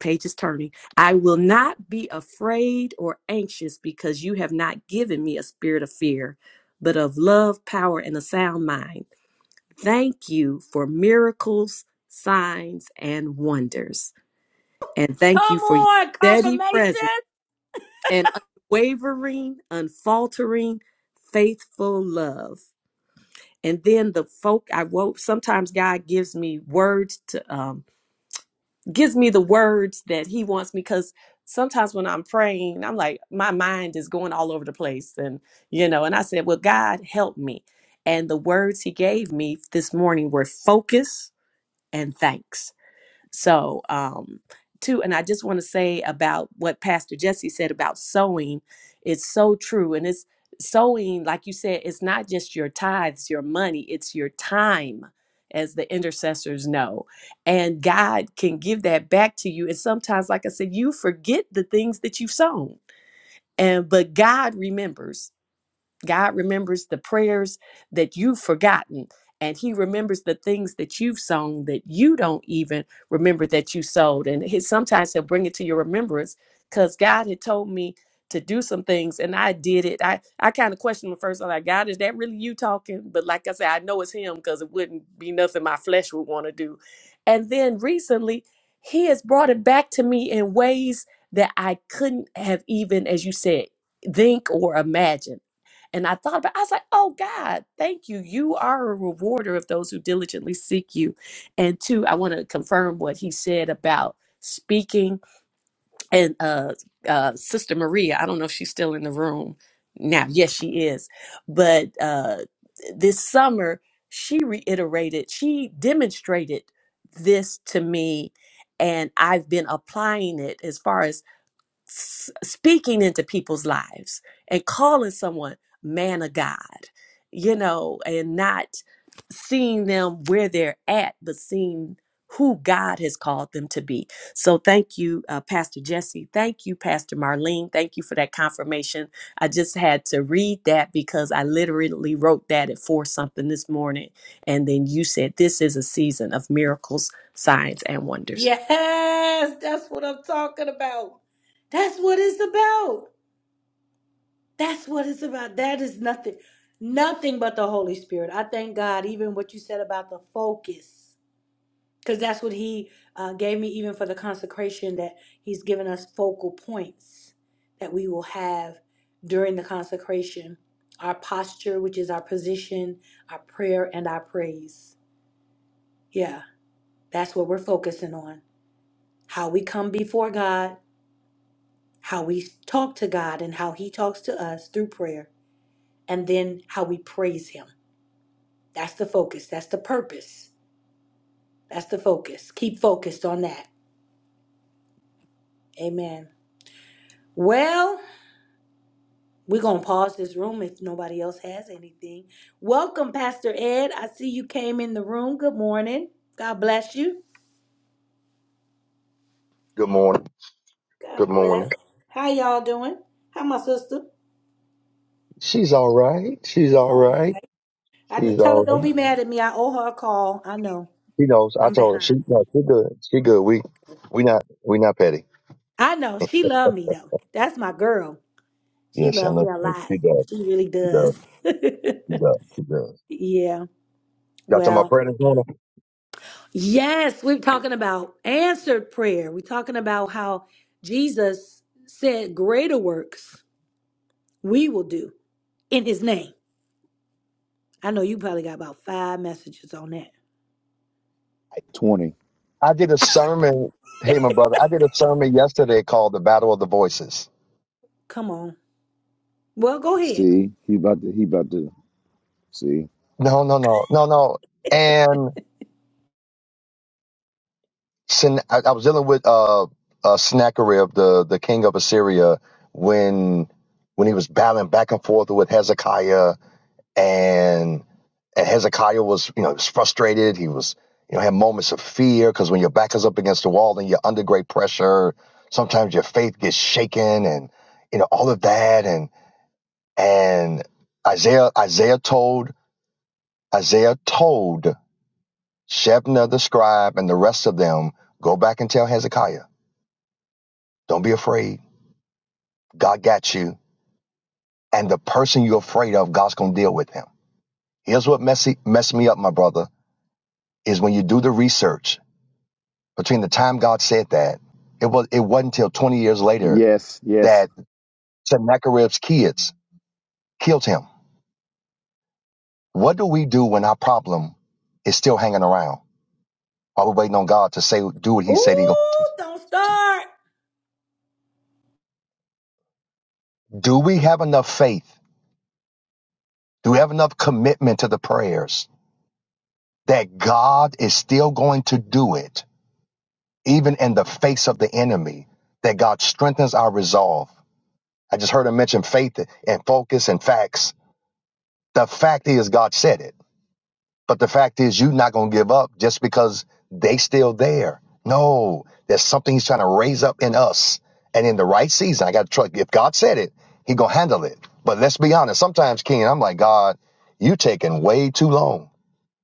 Page is turning. I will not be afraid or anxious because you have not given me a spirit of fear, but of love, power, and a sound mind. Thank you for miracles, signs, and wonders. And
Come
thank you for your
on,
steady presence
confirmation.
and unwavering, unfaltering, faithful love. And then the folk I wrote, sometimes God gives me words to, um, gives me the words that He wants me because sometimes when I'm praying, I'm like, my mind is going all over the place. And, you know, and I said, well, God, help me. And the words He gave me this morning were focus and thanks So, um, too, and I just want to say about what Pastor Jesse said about sowing. It's so true. And it's sowing, like you said, it's not just your tithes, your money, it's your time, as the intercessors know. And God can give that back to you. And sometimes, like I said, you forget the things that you've sown. And but God remembers. God remembers the prayers that you've forgotten, and He remembers the things that you've sung that you don't even remember that you sowed. And he, sometimes He'll bring it to your remembrance because God had told me to do some things, and I did it. I, I kind of questioned at first, I'm like, God, is that really you talking? But like I said, I know it's Him because it wouldn't be nothing my flesh would want to do. And then recently, He has brought it back to me in ways that I couldn't have even, as you said, think or imagine. And I thought about I was like, oh God, thank you. You are a rewarder of those who diligently seek you. And two, I want to confirm what he said about speaking and uh uh Sister Maria, I don't know if she's still in the room now. Yes, she is. But uh this summer she reiterated, she demonstrated this to me and I've been applying it as far as s- speaking into people's lives and calling someone man of God, you know, and not seeing them where they're at, but seeing who God has called them to be. So thank you, uh, Pastor Jesse. Thank you, Pastor Marlene. Thank you for that confirmation. I just had to read that because I literally wrote that at four something this morning. And then you said, This is a season of miracles, signs, and wonders.
Yes, that's what I'm talking about. That's what it's about. That's what it's about. That is nothing, nothing but the Holy Spirit. I thank God, even what you said about the focus. because that's what he uh, gave me even for the consecration that he's given us focal points that we will have during the consecration our posture which is our position our prayer and our praise yeah that's what we're focusing on how we come before god how we talk to god and how he talks to us through prayer and then how we praise him that's the focus that's the purpose that's the focus keep focused on that amen well We're going to pause this room if nobody else has anything. Welcome, Pastor Ed. I see you came in the room. Good morning. God bless you.
Good morning.
God
Good
bless.
morning.
How y'all doing? How my sister?
She's all right. She's all right.
I know,
She's
tell her
all
don't
right.
be mad at me. I owe her a call. I know.
She knows. I
I'm
told her she
behind.
no, she good. She good. We we not we not petty.
I know. She love me though. That's my girl. She
Yes, I
love me
know.
a lot.
She does.
She really
She does.
does.
She does. She does.
yeah.
Y'all talking about
Well,
prayer this morning?
Yes, we're talking about answered prayer. We're talking about how Jesus said, Greater works we will do in his name. I know you probably got about five messages on that.
20.
I did a sermon. Hey, my brother, I did a sermon yesterday called "The Battle of the Voices."
Come on. Well, go ahead.
See, he about to, he about to, see.
No, no, no, no, no. And Sen- I, I was dealing with uh, uh Sennacherib, the the king of Assyria, when when he was battling back and forth with Hezekiah and and Hezekiah was you know he was frustrated. He was you know had moments of fear because when your back is up against the wall and you're under great pressure, sometimes your faith gets shaken and you know all of that and and Isaiah Isaiah told Isaiah told Shebna the scribe and the rest of them go back and tell Hezekiah don't be afraid God got you and the person you're afraid of God's gonna deal with him. Here's what messy messed me up my brother is when you do the research Between the time God said that, it was it wasn't until 20 years later
Yes, yes.
that Sennacherib's kids killed him. What do we do when our problem is still hanging around? Are we waiting on God to say do what He said He going to
Ooh, don't
do?
start.
Do we have enough faith? Do we have enough commitment to the prayers that God is still going to do it, even in the face of the enemy? That God strengthens our resolve. I just heard him mention faith and focus and facts. The fact is, God said it. But the fact is, you're not going to give up just because they still there. No, there's something he's trying to raise up in us. And in the right season, I got to trust. If God said it, he going to handle it. But let's be honest. Sometimes, King, I'm like, God, you taking way too long.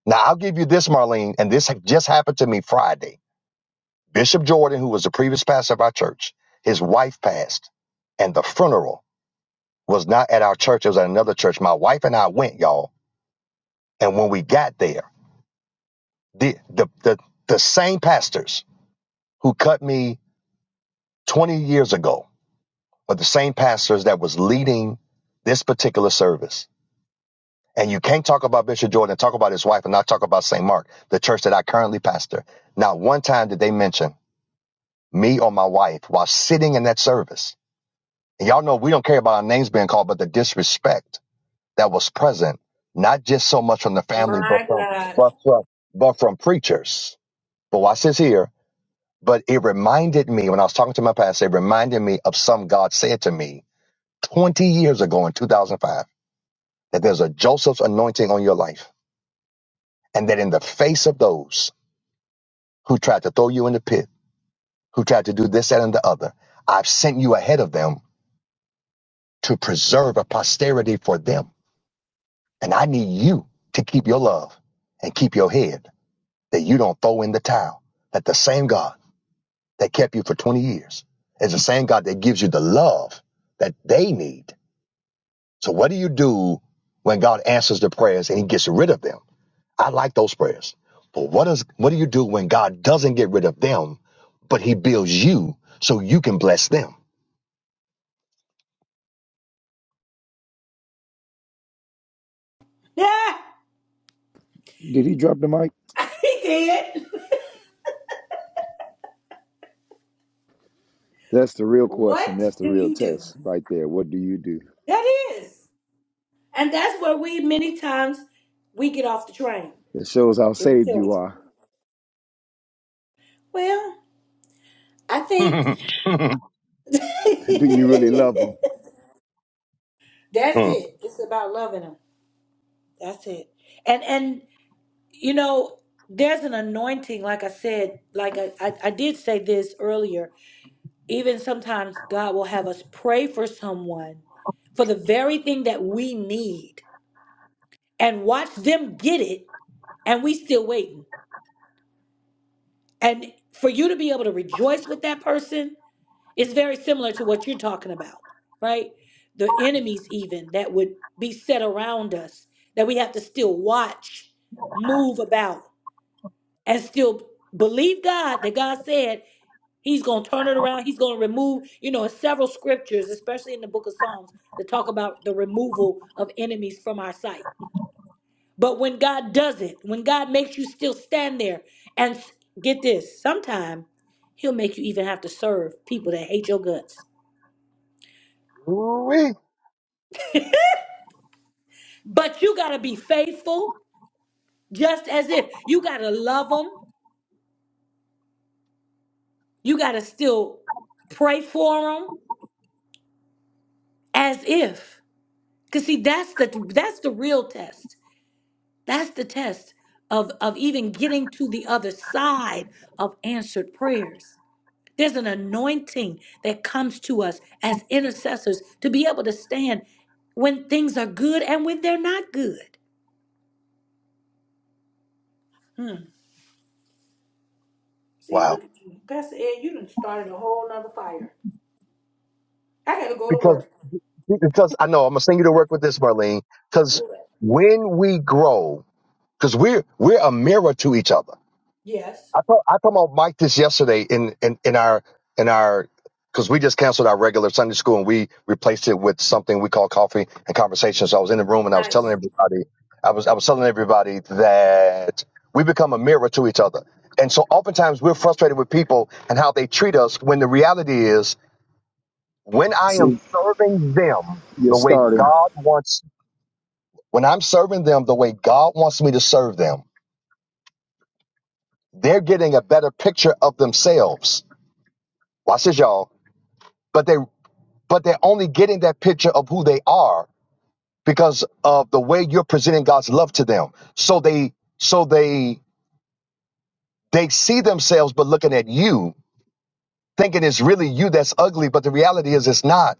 Now, I'll give you this, Marlene, and this just happened to me Friday. Bishop Jordan, who was the previous pastor of our church, his wife passed, and the funeral was not at our church. It was at another church. My wife and I went, y'all. And when we got there, The, the, the, the same pastors who cut me 20 years ago are the same pastors that was leading this particular service. And you can't talk about Bishop Jordan, talk about his wife, and not talk about St. Mark, the church that I currently pastor. Not one time did they mention me or my wife while sitting in that service. And y'all know we don't care about our names being called, but the disrespect that was present, not just so much from the family, but from, but from, but from preachers. But watch this here But it reminded me when I was talking to my pastor, it reminded me of some God said to me 20 years ago in 2005 that there's a Joseph's anointing on your life. And that in the face of those who tried to throw you in the pit, who tried to do this, that, and the other, I've sent you ahead of them to preserve a posterity for them. And I need you to keep your love and keep your head that you don't throw in the towel. That the same God that kept you for 20 years is the same God that gives you the love that they need So what do you do when God answers the prayers and he gets rid of them? I like those prayers. But what does what do you do when God doesn't get rid of them, but he builds you so you can bless them?
Did he drop the mic? That's the real question.
What
That's the
do
real
you do?
test right there. What do you do?
That is. And that's where we many times we get off the train
It shows how
if we
saved
tell the
you
truth.
are.
Well, I think that's
Do you really love him?
Hmm.
it. It's about loving them. That's it. And and You know, there's an anointing, like I said, like I, I, I did say this earlier. Even sometimes God will have us pray for someone for the very thing that we need and watch them get it, and we still waiting. And for you to be able to rejoice with that person is very similar to what you're talking about, right? The enemies, even that would be set around us, that we have to still watch, move about. and still believe God that God said He's going to turn it around. He's going to remove, you know, in several scriptures, especially in the book of Psalms, that talk about the removal of enemies from our sight. But when God does it, when God makes you still stand there and s- get this, sometime He'll make you even have to serve people that hate your guts.
Ooh-wee.
But you got to be faithful, just as if you got to love them. You got to still pray for them as if. Cause see, that's the that's the real test. That's the test of of even getting to the other side of answered prayers. There's an anointing that comes to us as intercessors to be able to stand when things are good and when they're not good.
Wow. Because because I know I'm gonna send you to work with this, Marlene, because when we grow, because we're we're a mirror to each other. I told I told my Mike this yesterday in in in our in our because we just canceled our regular Sunday school and we replaced it with something we call coffee and conversation. So I was in the room and I was telling
Nice.
everybody, I was I was telling everybody that we become a mirror to each other. And so oftentimes we're frustrated with people and how they treat us when the reality is when I am
See,
serving them
you're
the way
starting.
God wants, when I'm serving them the way God wants me to serve them, they're getting a better picture of themselves. Watch this, y'all but they but they're only getting that picture of who they are because of the way you're presenting God's love to them. So they so they they see themselves but looking at you, thinking it's really you that's ugly, but the reality is it's not.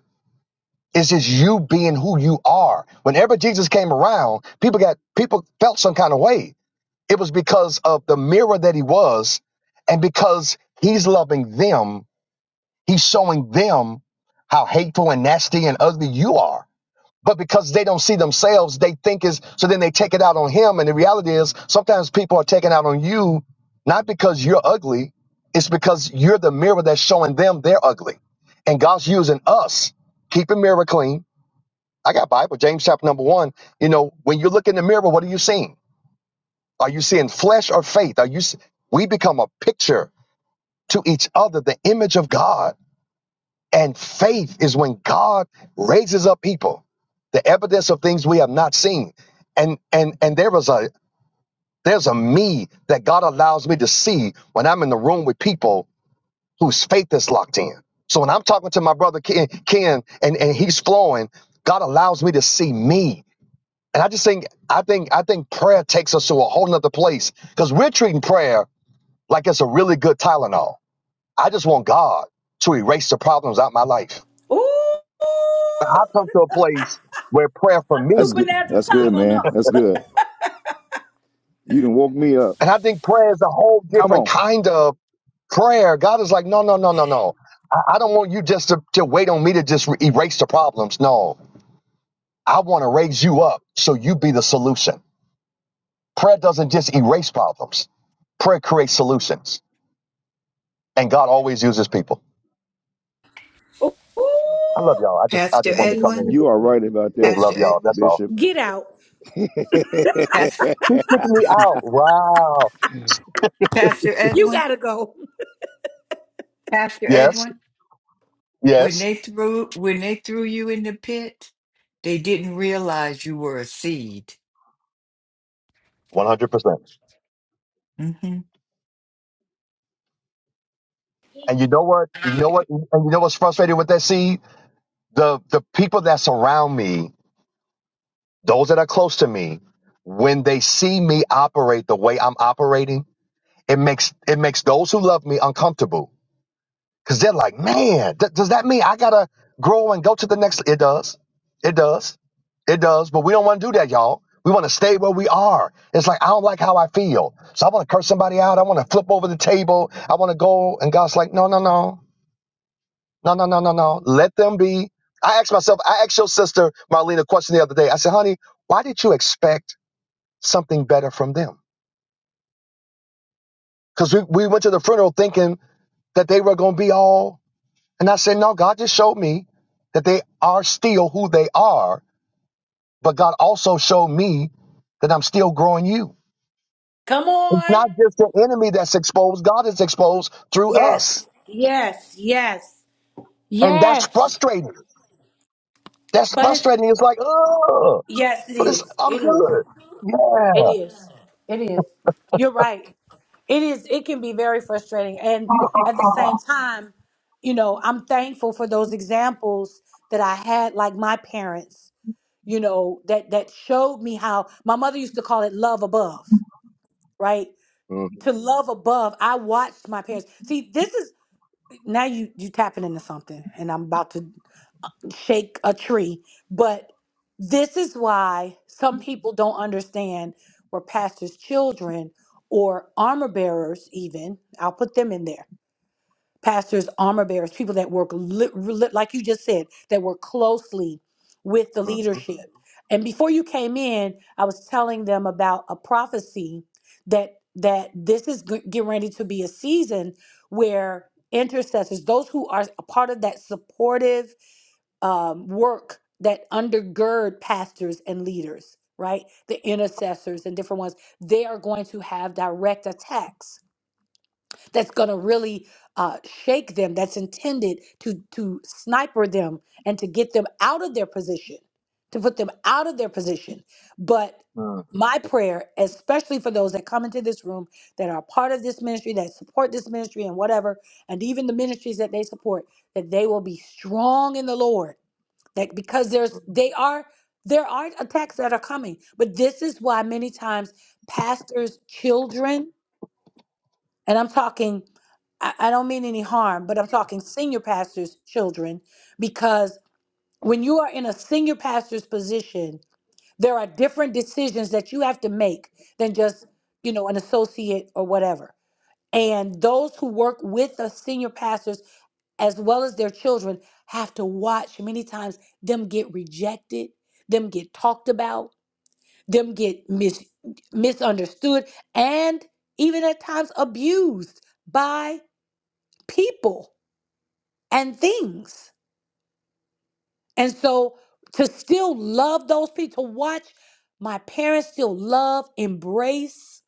It's just you being who you are. Whenever Jesus came around, people got people felt some kind of way. It was because of the mirror that he was, and because he's loving them, he's showing them how hateful and nasty and ugly you are but because they don't see themselves, they think is so then they take it out on him. And the reality is sometimes people are taking out on you not because you're ugly, it's because you're the mirror that's showing them they're ugly. And God's using us. Keep a mirror clean. I got Bible, James chapter number one. You know, when you look in the mirror, what are you seeing? Are you seeing flesh or faith? Are you s- we become a picture to each other, the image of God and faith is when God raises up people, the evidence of things we have not seen. And and and there was a there's a me that God allows me to see when I'm in the room with people whose faith is locked in. So when I'm talking to my brother Ken, Ken and, and he's flowing, God allows me to see me. And I just think I think I think prayer takes us to a whole nother place because we're treating prayer like it's a really good Tylenol. I just want God to erase the problems out my life. But I've come to a place where prayer for
That's
me,
good. That's good, man. That's good. You done woke me up.
and I think prayer is a whole
Come
different
on.
kind of prayer. God is like, no, no, no, no, no. I, I don't want you just to, to wait on me to just erase the problems. No, I want to raise you up so you be the solution. Prayer doesn't just erase problems. Prayer creates solutions, and God always uses people. I love
Ooh,
y'all. I just I
Pastor
just want
You
to come
Edwin,
in and
you
just,
are right about
just
that,
Pastor
love y'all.
Edwin,
That's all.
Bishop.
get out.
you
Pastor,
Who kicked me out? Wow.
Pastor
You
Edwin,
gotta go.
Pastor
Yes.
Edwin. When
Yes.
they threw when they threw you in the pit, they didn't realize you were a seed.
One hundred percent.
Mm-hmm.
And you know what? You know what? And you know what's frustrating with that seed? The the people that surround me, those that are close to me, when they see me operate the way I'm operating, it makes it makes those who love me uncomfortable because they're like, man, th- does that mean I gotta grow and go to the next? It does, it does, it does. But we don't want to do that, y'all. We want to stay where we are. It's like I don't like how I feel, so I want to curse somebody out. I want to flip over the table. I want to go, and God's like, no, no, no. No, no, no, no, no. Let them be. I asked myself, I asked your sister Marlene a question the other day. I said, honey, why did you expect something better from them? Because we, we went to the funeral thinking that they were going to be all. And I said, no, God just showed me that they are still who they are. But God also showed me that I'm still growing you.
Come
It's
on.
not just the enemy that's exposed, God is exposed through
Yes.
us.
Yes. Yes.
And that's
Yes.
frustrating. That's
But it's
frustrating. It's like, oh,
yes, it
but it's,
is.
I'm
It is.
good.
It
Yeah.
is. It is. You're right. It is. It can be very frustrating. And at the same time, you know, I'm thankful for those examples that I had, like my parents, you know, that, that showed me how my mother used to call it love above, right? To love above. I watched my parents. See, this is now you, you tapping into something and I'm about to shake a tree. But this is why some people don't understand where pastors' children or armor bearers, even, I'll put them in there. Pastors, armor bearers, people that work, li- li- like you just said, that work closely with the
Mhm.
leadership. And before you came in, I was telling them about a prophecy that that this is g- getting ready to be a season where intercessors, those who are a part of that supportive um, work that undergird pastors and leaders, right? The intercessors and different ones, they are going to have direct attacks that's going to really uh, shake them, that's intended to, to sniper them and to get them out of their position, to put them out of their position. But
mm
my prayer, especially for those that come into this room that are part of this ministry, that support this ministry and whatever, and even the ministries that they support, that they will be strong in the Lord like because there's they are there are attacks that are coming but this is why many times pastors children and i'm talking i, I don't mean any harm but i'm talking senior pastors children because when you are in a senior pastor's position there are different decisions that you have to make than just you know an associate or whatever and those who work with the senior pastors as well as their children, have to watch many times them get rejected, them get talked about, them get mis- misunderstood, and even at times abused by people and things. And so to still love those people, to watch my parents still love, embrace,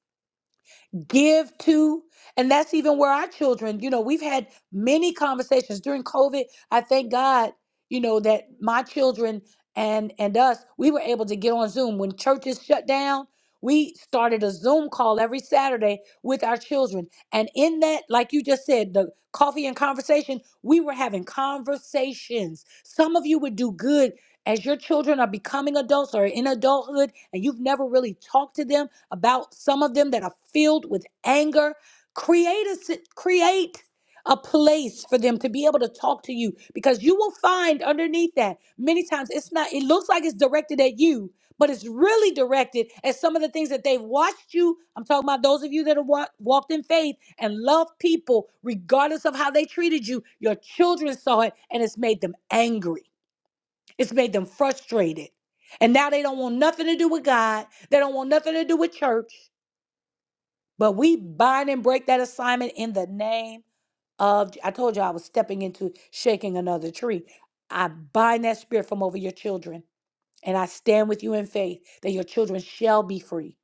give to. And that's even where our children, you know, we've had many conversations during COVID. I thank God, you know, that my children and and us, we were able to get on Zoom when churches shut down. We started a Zoom call every Saturday with our children. And in that, like you just said, the coffee and conversation, we were having conversations. Some of you would do good as your children are becoming adults or in adulthood and you've never really talked to them about some of them that are filled with anger create a si- create a place for them to be able to talk to you because you will find underneath that many times it's not it looks like it's directed at you but it's really directed at some of the things that they've watched you i'm talking about those of you that have wa- walked in faith and loved people regardless of how they treated you your children saw it and it's made them angry it's made them frustrated. And now they don't want nothing to do with God. They don't want nothing to do with church. But we bind and break that assignment in the name of. I told you I was stepping into shaking another tree. I bind that spirit from over your children. And I stand with you in faith that your children shall be free.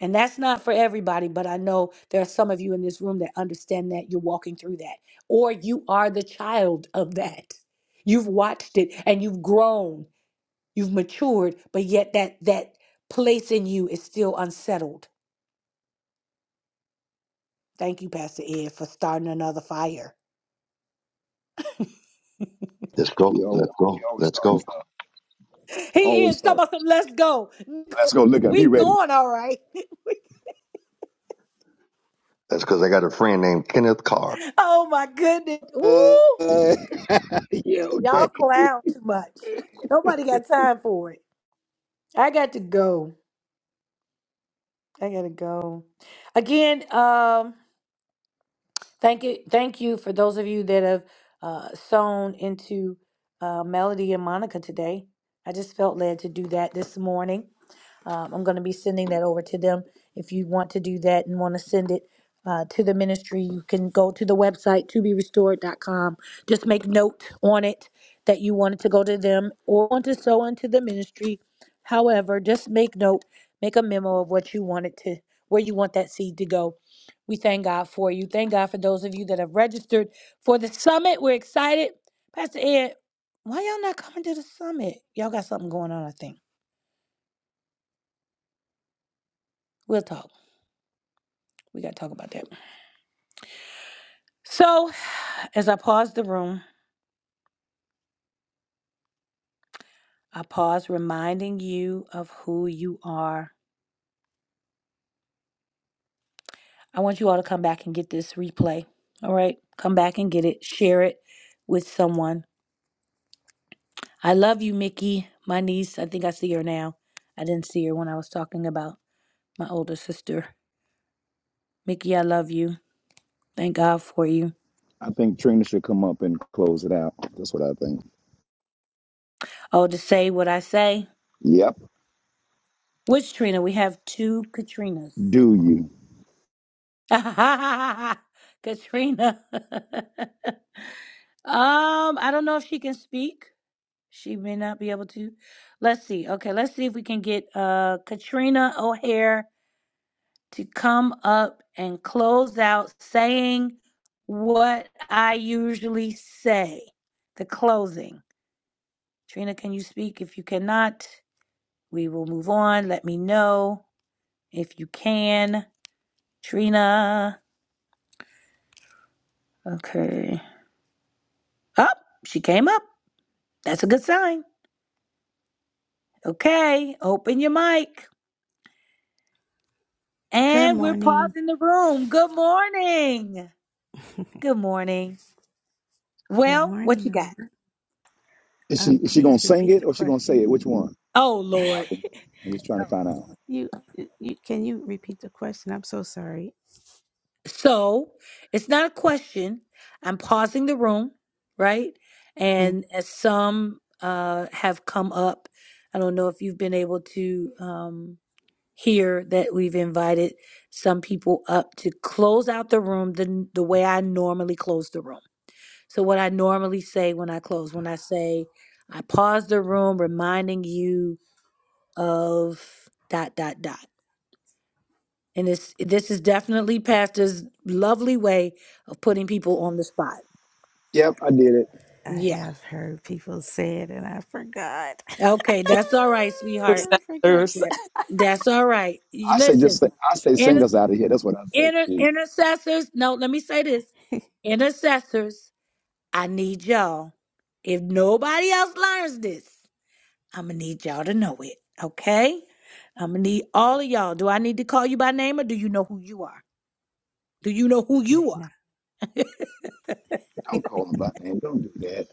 And that's not for everybody, but I know there are some of you in this room that understand that you're walking through that, or you are the child of that. You've watched it and you've grown You've matured, but yet that that place in you is still unsettled. Thank you, Pastor Ed, for starting another fire.
Let's go.
always,
Let's
you
go.
always
Let's
starting
go.
stuff.
He is
Always
talking
starting.
about some let's go.
Let's go look at him. He
We
ready.
going all right.
That's because I Kenneth Carr.
Oh my goodness.
Uh,
Ooh,
yeah,
y'all
okay.
clown too much. Nobody got time for it. I got to go. I gotta go. Again, um, thank you, thank you for those of you that have uh, sewn into uh, Melody and Monica today. I just felt led to do that this morning. Um, I'm going to be sending that over to them. If you want to do that and want to send it uh, to the ministry, you can go to the website to be restored.com. Just make note on it that you want it to go to them or want to sow into the ministry. However, just make note, make a memo of what you want it to, where you want that seed to go. We thank God for you. Thank God for those of you that have registered for the summit. We're excited. Pastor Ed, why y'all not coming to the summit? Y'all got something going on, I think. We'll talk. We got to talk about that. So, as I pause the room, I pause reminding you of who you are. I want you all to come back and get this replay. All right? Come back and get it. Share it with someone. I love you, Mickey, my niece. I think I see her now. I didn't see her when I was talking about my older sister. Mickey, I love you. Thank God for you.
I think Trina should come up and close it out. That's what I think.
Oh, to say what I say.
Yep.
Which Trina? We have two Katrinas.
Do you?
Katrina. Um, I don't know if she can speak. She may not be able to. Let's see. Okay, let's see if we can get uh Katrina O'Hare to come up and close out saying what I usually say. The closing. Trina, can you speak? If you cannot, we will move on. Let me know if you can. Trina. Okay. Up. she came up. That's a good sign. Okay. Open your mic.
Good
And we're
morning.
pausing the room. Good morning. Good morning.
Good
Well, what
morning.
you got?
morning.
Is she
Um,
is she gonna
please
sing
repeat the
it or she gonna say
question.
it? Which one?
Oh, or-
I'm just trying to find out.
you, you can you repeat the question? I'm so sorry.
so it's not a question. I'm pausing the room, right?
Mm.
And as some uh, have come up, I don't know if you've been able to um, hear that we've invited some people up to close out the room the, the way I normally close the room. So, what I normally say when I close, when I say, I pause the room, reminding you of dot dot dot and this this is definitely pastor's lovely way of putting people on the spot
Yep, I did it.
I
yeah
have heard people say it and I forgot.
okay that's all right sweetheart
I forgot.
intercessors
that, that's all right You
I say just
listen
say, I say sing
inter,
us out of here. That's what I say.
inter,
Shit,
intercessors no let me say this intercessors i need y'all if nobody else learns this i'm gonna need y'all to know it okay i'm gonna need all of y'all do i need to call you by name or do you know who you are do you know who
Dang
you are
now.
don't call them by name. Don't do that.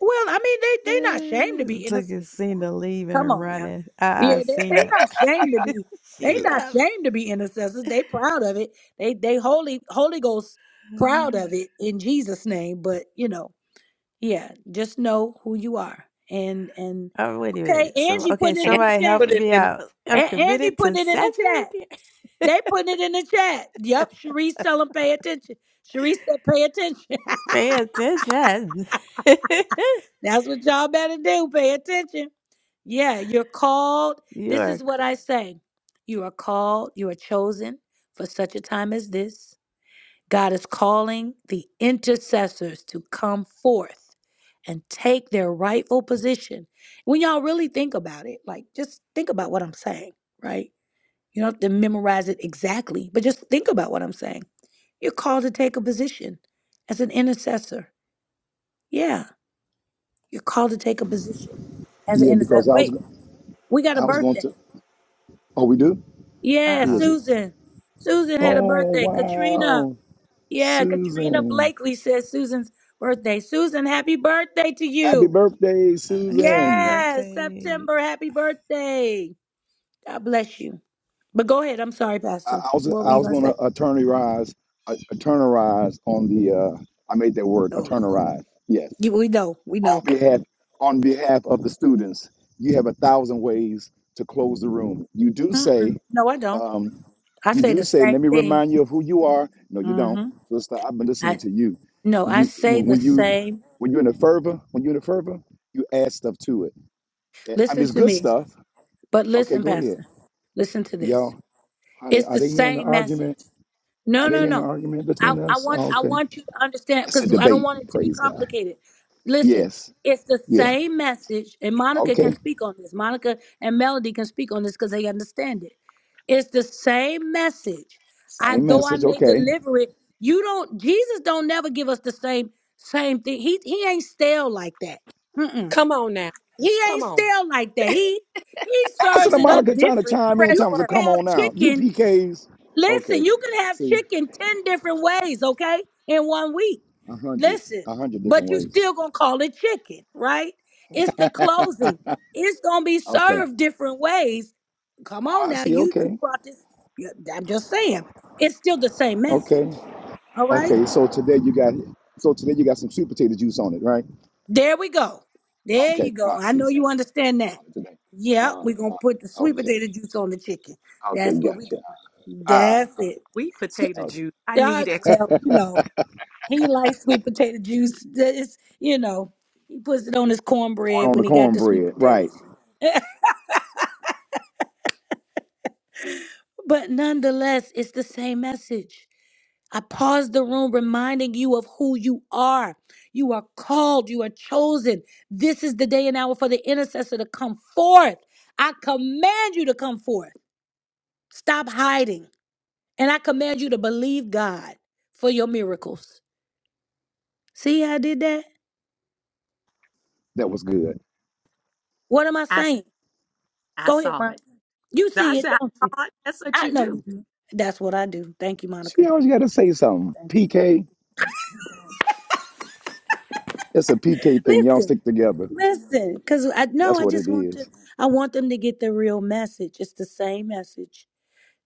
Well, I mean, they they not ashamed to be
Look at
intercessors now.
Cena leaving
Come
and
on now.
running. I, I
Yeah, they
seen
they
it.
not ashamed to be. They
she
not
left.
ashamed to be intercessors. They proud of it. They they holy Holy Ghost proud of it in Jesus name. But you know, yeah, just know who you are. And and
Oh, wait a
okay,
minute. So,
Angie
okay,
putting it
And
in
somebody
the chat.
help
put it
me
in the
out. I'm
chat.
A- Angie
committed to
putting it in the
saturating.
chat.
the
They putting it in the chat. Yep, Sharice tell them pay attention. Sharice said pay attention.
Pay attention.
That's what y'all better do. Pay attention. Yeah, you're called.
you
This
are.
is what
c-
I say. You are called, you are chosen for such a time as this. God is calling the intercessors to come forth and take their rightful position. When y'all really think about it, like just think about what I'm saying, right? You don't have to memorize it exactly, but just think about what I'm saying. You're called to take a position as an intercessor. Yeah, you're called to take a position as an
Yeah,
intercessor.
because I was
Wait,
go-
we got a
I was going
birthday.
to. Oh, we do.
Yeah,
Who is
Uh-oh.
it?
Susan. Susan had a
Oh
birthday. Katrina.
wow,
Yeah, Katrina
Susan.
Blakely says Susan's birthday. Susan, happy birthday to
Happy
you.
birthday,
Uh oh. Happy
Susan.
Yes,
birthday.
September, happy birthday. God bless you. But go ahead. I'm sorry,
I,
Pastor.
I was
What were
I
you
was
going to
going
say?
to attorney rise, attorney rise on the. Uh, I made that word
Oh,
attorney
Lord.
rise. Yes.
You, we know. We know.
on behalf on behalf of the students. You have a thousand ways to close the room. You do say,
Mm-mm. No, I don't.
um,
I
you
say
do
the
say,
same
let me
thing.
remind you of who you are. No, you don't.
Mm-hmm.
Sister, I've been listening
I,
to you.
no, I
You
say
when
the
when you
same.
when you're in a fervor, when you're in a fervor, you add stuff to it. Eh, I mean,
Listen
it's
to
good
me.
stuff.
But
Okay,
listen,
go ahead,
Pastor. Listen to this.
y'all. Honey,
It's
are
the
they hearing the
same
argument?
message. No,
Are they
no,
hearing the
no.
argument
I,
between
I
us?
want
Oh,
I
okay,
want you to understand
it's a
because I don't
debate.
want it to be
Praise God.
complicated. Listen,
Yes.
it's the
Yeah.
same message, and Monica can
Okay.
speak on this. Monica and Melody can speak on this because they understand it. It's the same message. I
Same
though I
message.
may
Okay.
deliver it, you don't Jesus don't never give us the same same thing. He he ain't stale like that. Mm-mm.
come on now
He ain't
come on
stale like that. He he
I Listen
serves
to
it up
Monica trying to
different.
chime in.
You
fresh
telling us to
word
can
come
have
on now. You
chicken
PKs.
Listen,
Okay.
you can have
See,
chicken 10 different ways, okay, in one week.
a hundred,
Listen,
a hundred
but
different
you
ways.
still gonna call it chicken, right? It's the closing. It's gonna be
okay.
served different ways. Come
Oh,
on
I
now,
see.
you, you
Okay.
brought this. you- I'm just saying, it's still the same
Okay.
message, all right?
Okay. So today you got, so today you got some sweet potato juice on it, right?
There we go. There
Okay.
you go.
I
I
see.
know
You
you
got sweet potato
understand
juice
that.
on it today.
Yeah, we're gonna put the
Uh-huh.
sweet
Okay.
potato juice on the chicken.
Okay.
That's what we
Gotcha.
doing. That's
Uh-huh.
it.
sweet potato
Okay.
juice i need
God,
explanation
well, you know. He likes sweet potato juice. It's, you know, he puts it on his
Put
cornbread
on
when
the
he got the sweet
cornbread. Right.
potatoes. But nonetheless, it's the same message. I paused the room reminding you of who you are. You are called, you are chosen. This is the day and hour for the intercessor to come forth. I command you to come forth. Stop hiding. And I command you to believe God for your miracles. See how I did that?
That was good.
What am I
I, s-
saying?
I
Go ahead,
saw
Mom.
it
You
No, i
see it,
said I
don't you?
saw it. that's what
I
you
know you
do
do. That's what I do. Thank you, Monica.
She always got to say something. PK. It's a PK thing. Y'all
Listen,
stick together.
listen, because I know
That's
I
what
just
it
want
is.
to. I want them to get the real message. It's the same message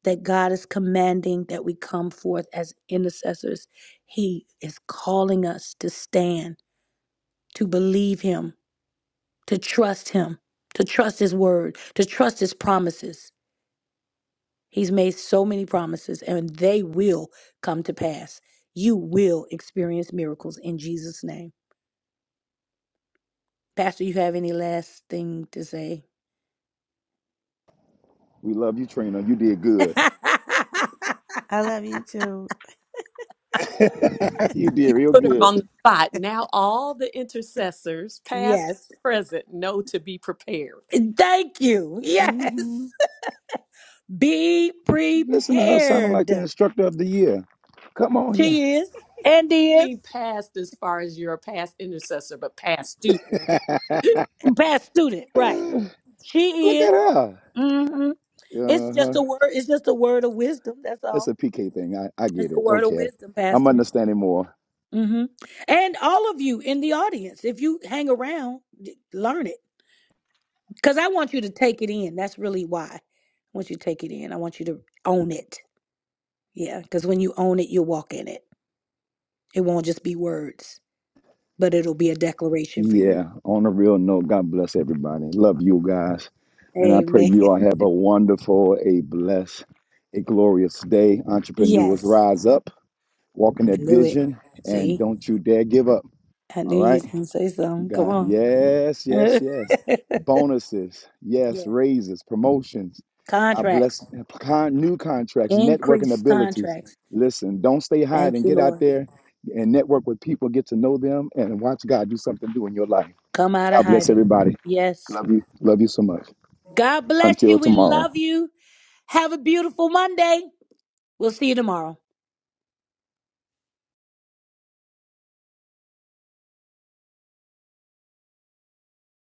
that God is commanding that we come forth as intercessors. He is calling us to stand, to believe Him, to trust Him, to trust His word, to trust His promises. He's made so many promises, and they will come to pass. You will experience miracles in Jesus' name. Pastor, you have any last thing to say?
We love you, Trina. You did good.
I love you too.
you did real
put her
good.
on the spot now all the intercessors past
yes.
and present know to be prepared
Thank you. Yes.
Mhm.
Be
Listen to her sounding like
prepared.
the instructor of the year. Come on
She is and
i
is
mean past as far as you're a past intercessor but past student
here.
past student, right? She
Look
is.
at her.
hmm It's just a
Uh-huh.
word. It's just a word of wisdom. That's
It's
all.
a PK thing. I, I get
It's a
it.
word of
Okay.
wisdom,
I'm
Pastor.
understanding more.
hmm And all of you in the audience, if you hang around, d- learn it because I want you to take it in. That's really why I want you to take it in. I want you to own it Yeah, because when you own it, you'll walk in it. It won't just be words, but it'll be a declaration for you.
Yeah. On a real note, God bless everybody. Love you guys. And I pray
Amen.
you all have a wonderful, a blessed, a glorious day. Entrepreneurs
Yes,
rise up, walk in
I
that
knew it.
vision, and
See,
don't you dare give up.
I
All
knew you was
right.
gonna say something. Come
God,
on.
yes, yes, yes. Bonuses, yes,
yeah,
raises, promotions. I bless
contracts,
con, new contracts, networking
increase
abilities.
contracts.
Listen, don't stay
Thank
hiding.
you,
Get out
Lord.
there and network with people, get to know them, and watch God do something new in your life.
Come out of
God bless
hiding.
everybody.
Yes.
Love you. Love you so much.
God bless
Until
you. We
tomorrow.
love you. Have a beautiful Monday. We'll see you tomorrow.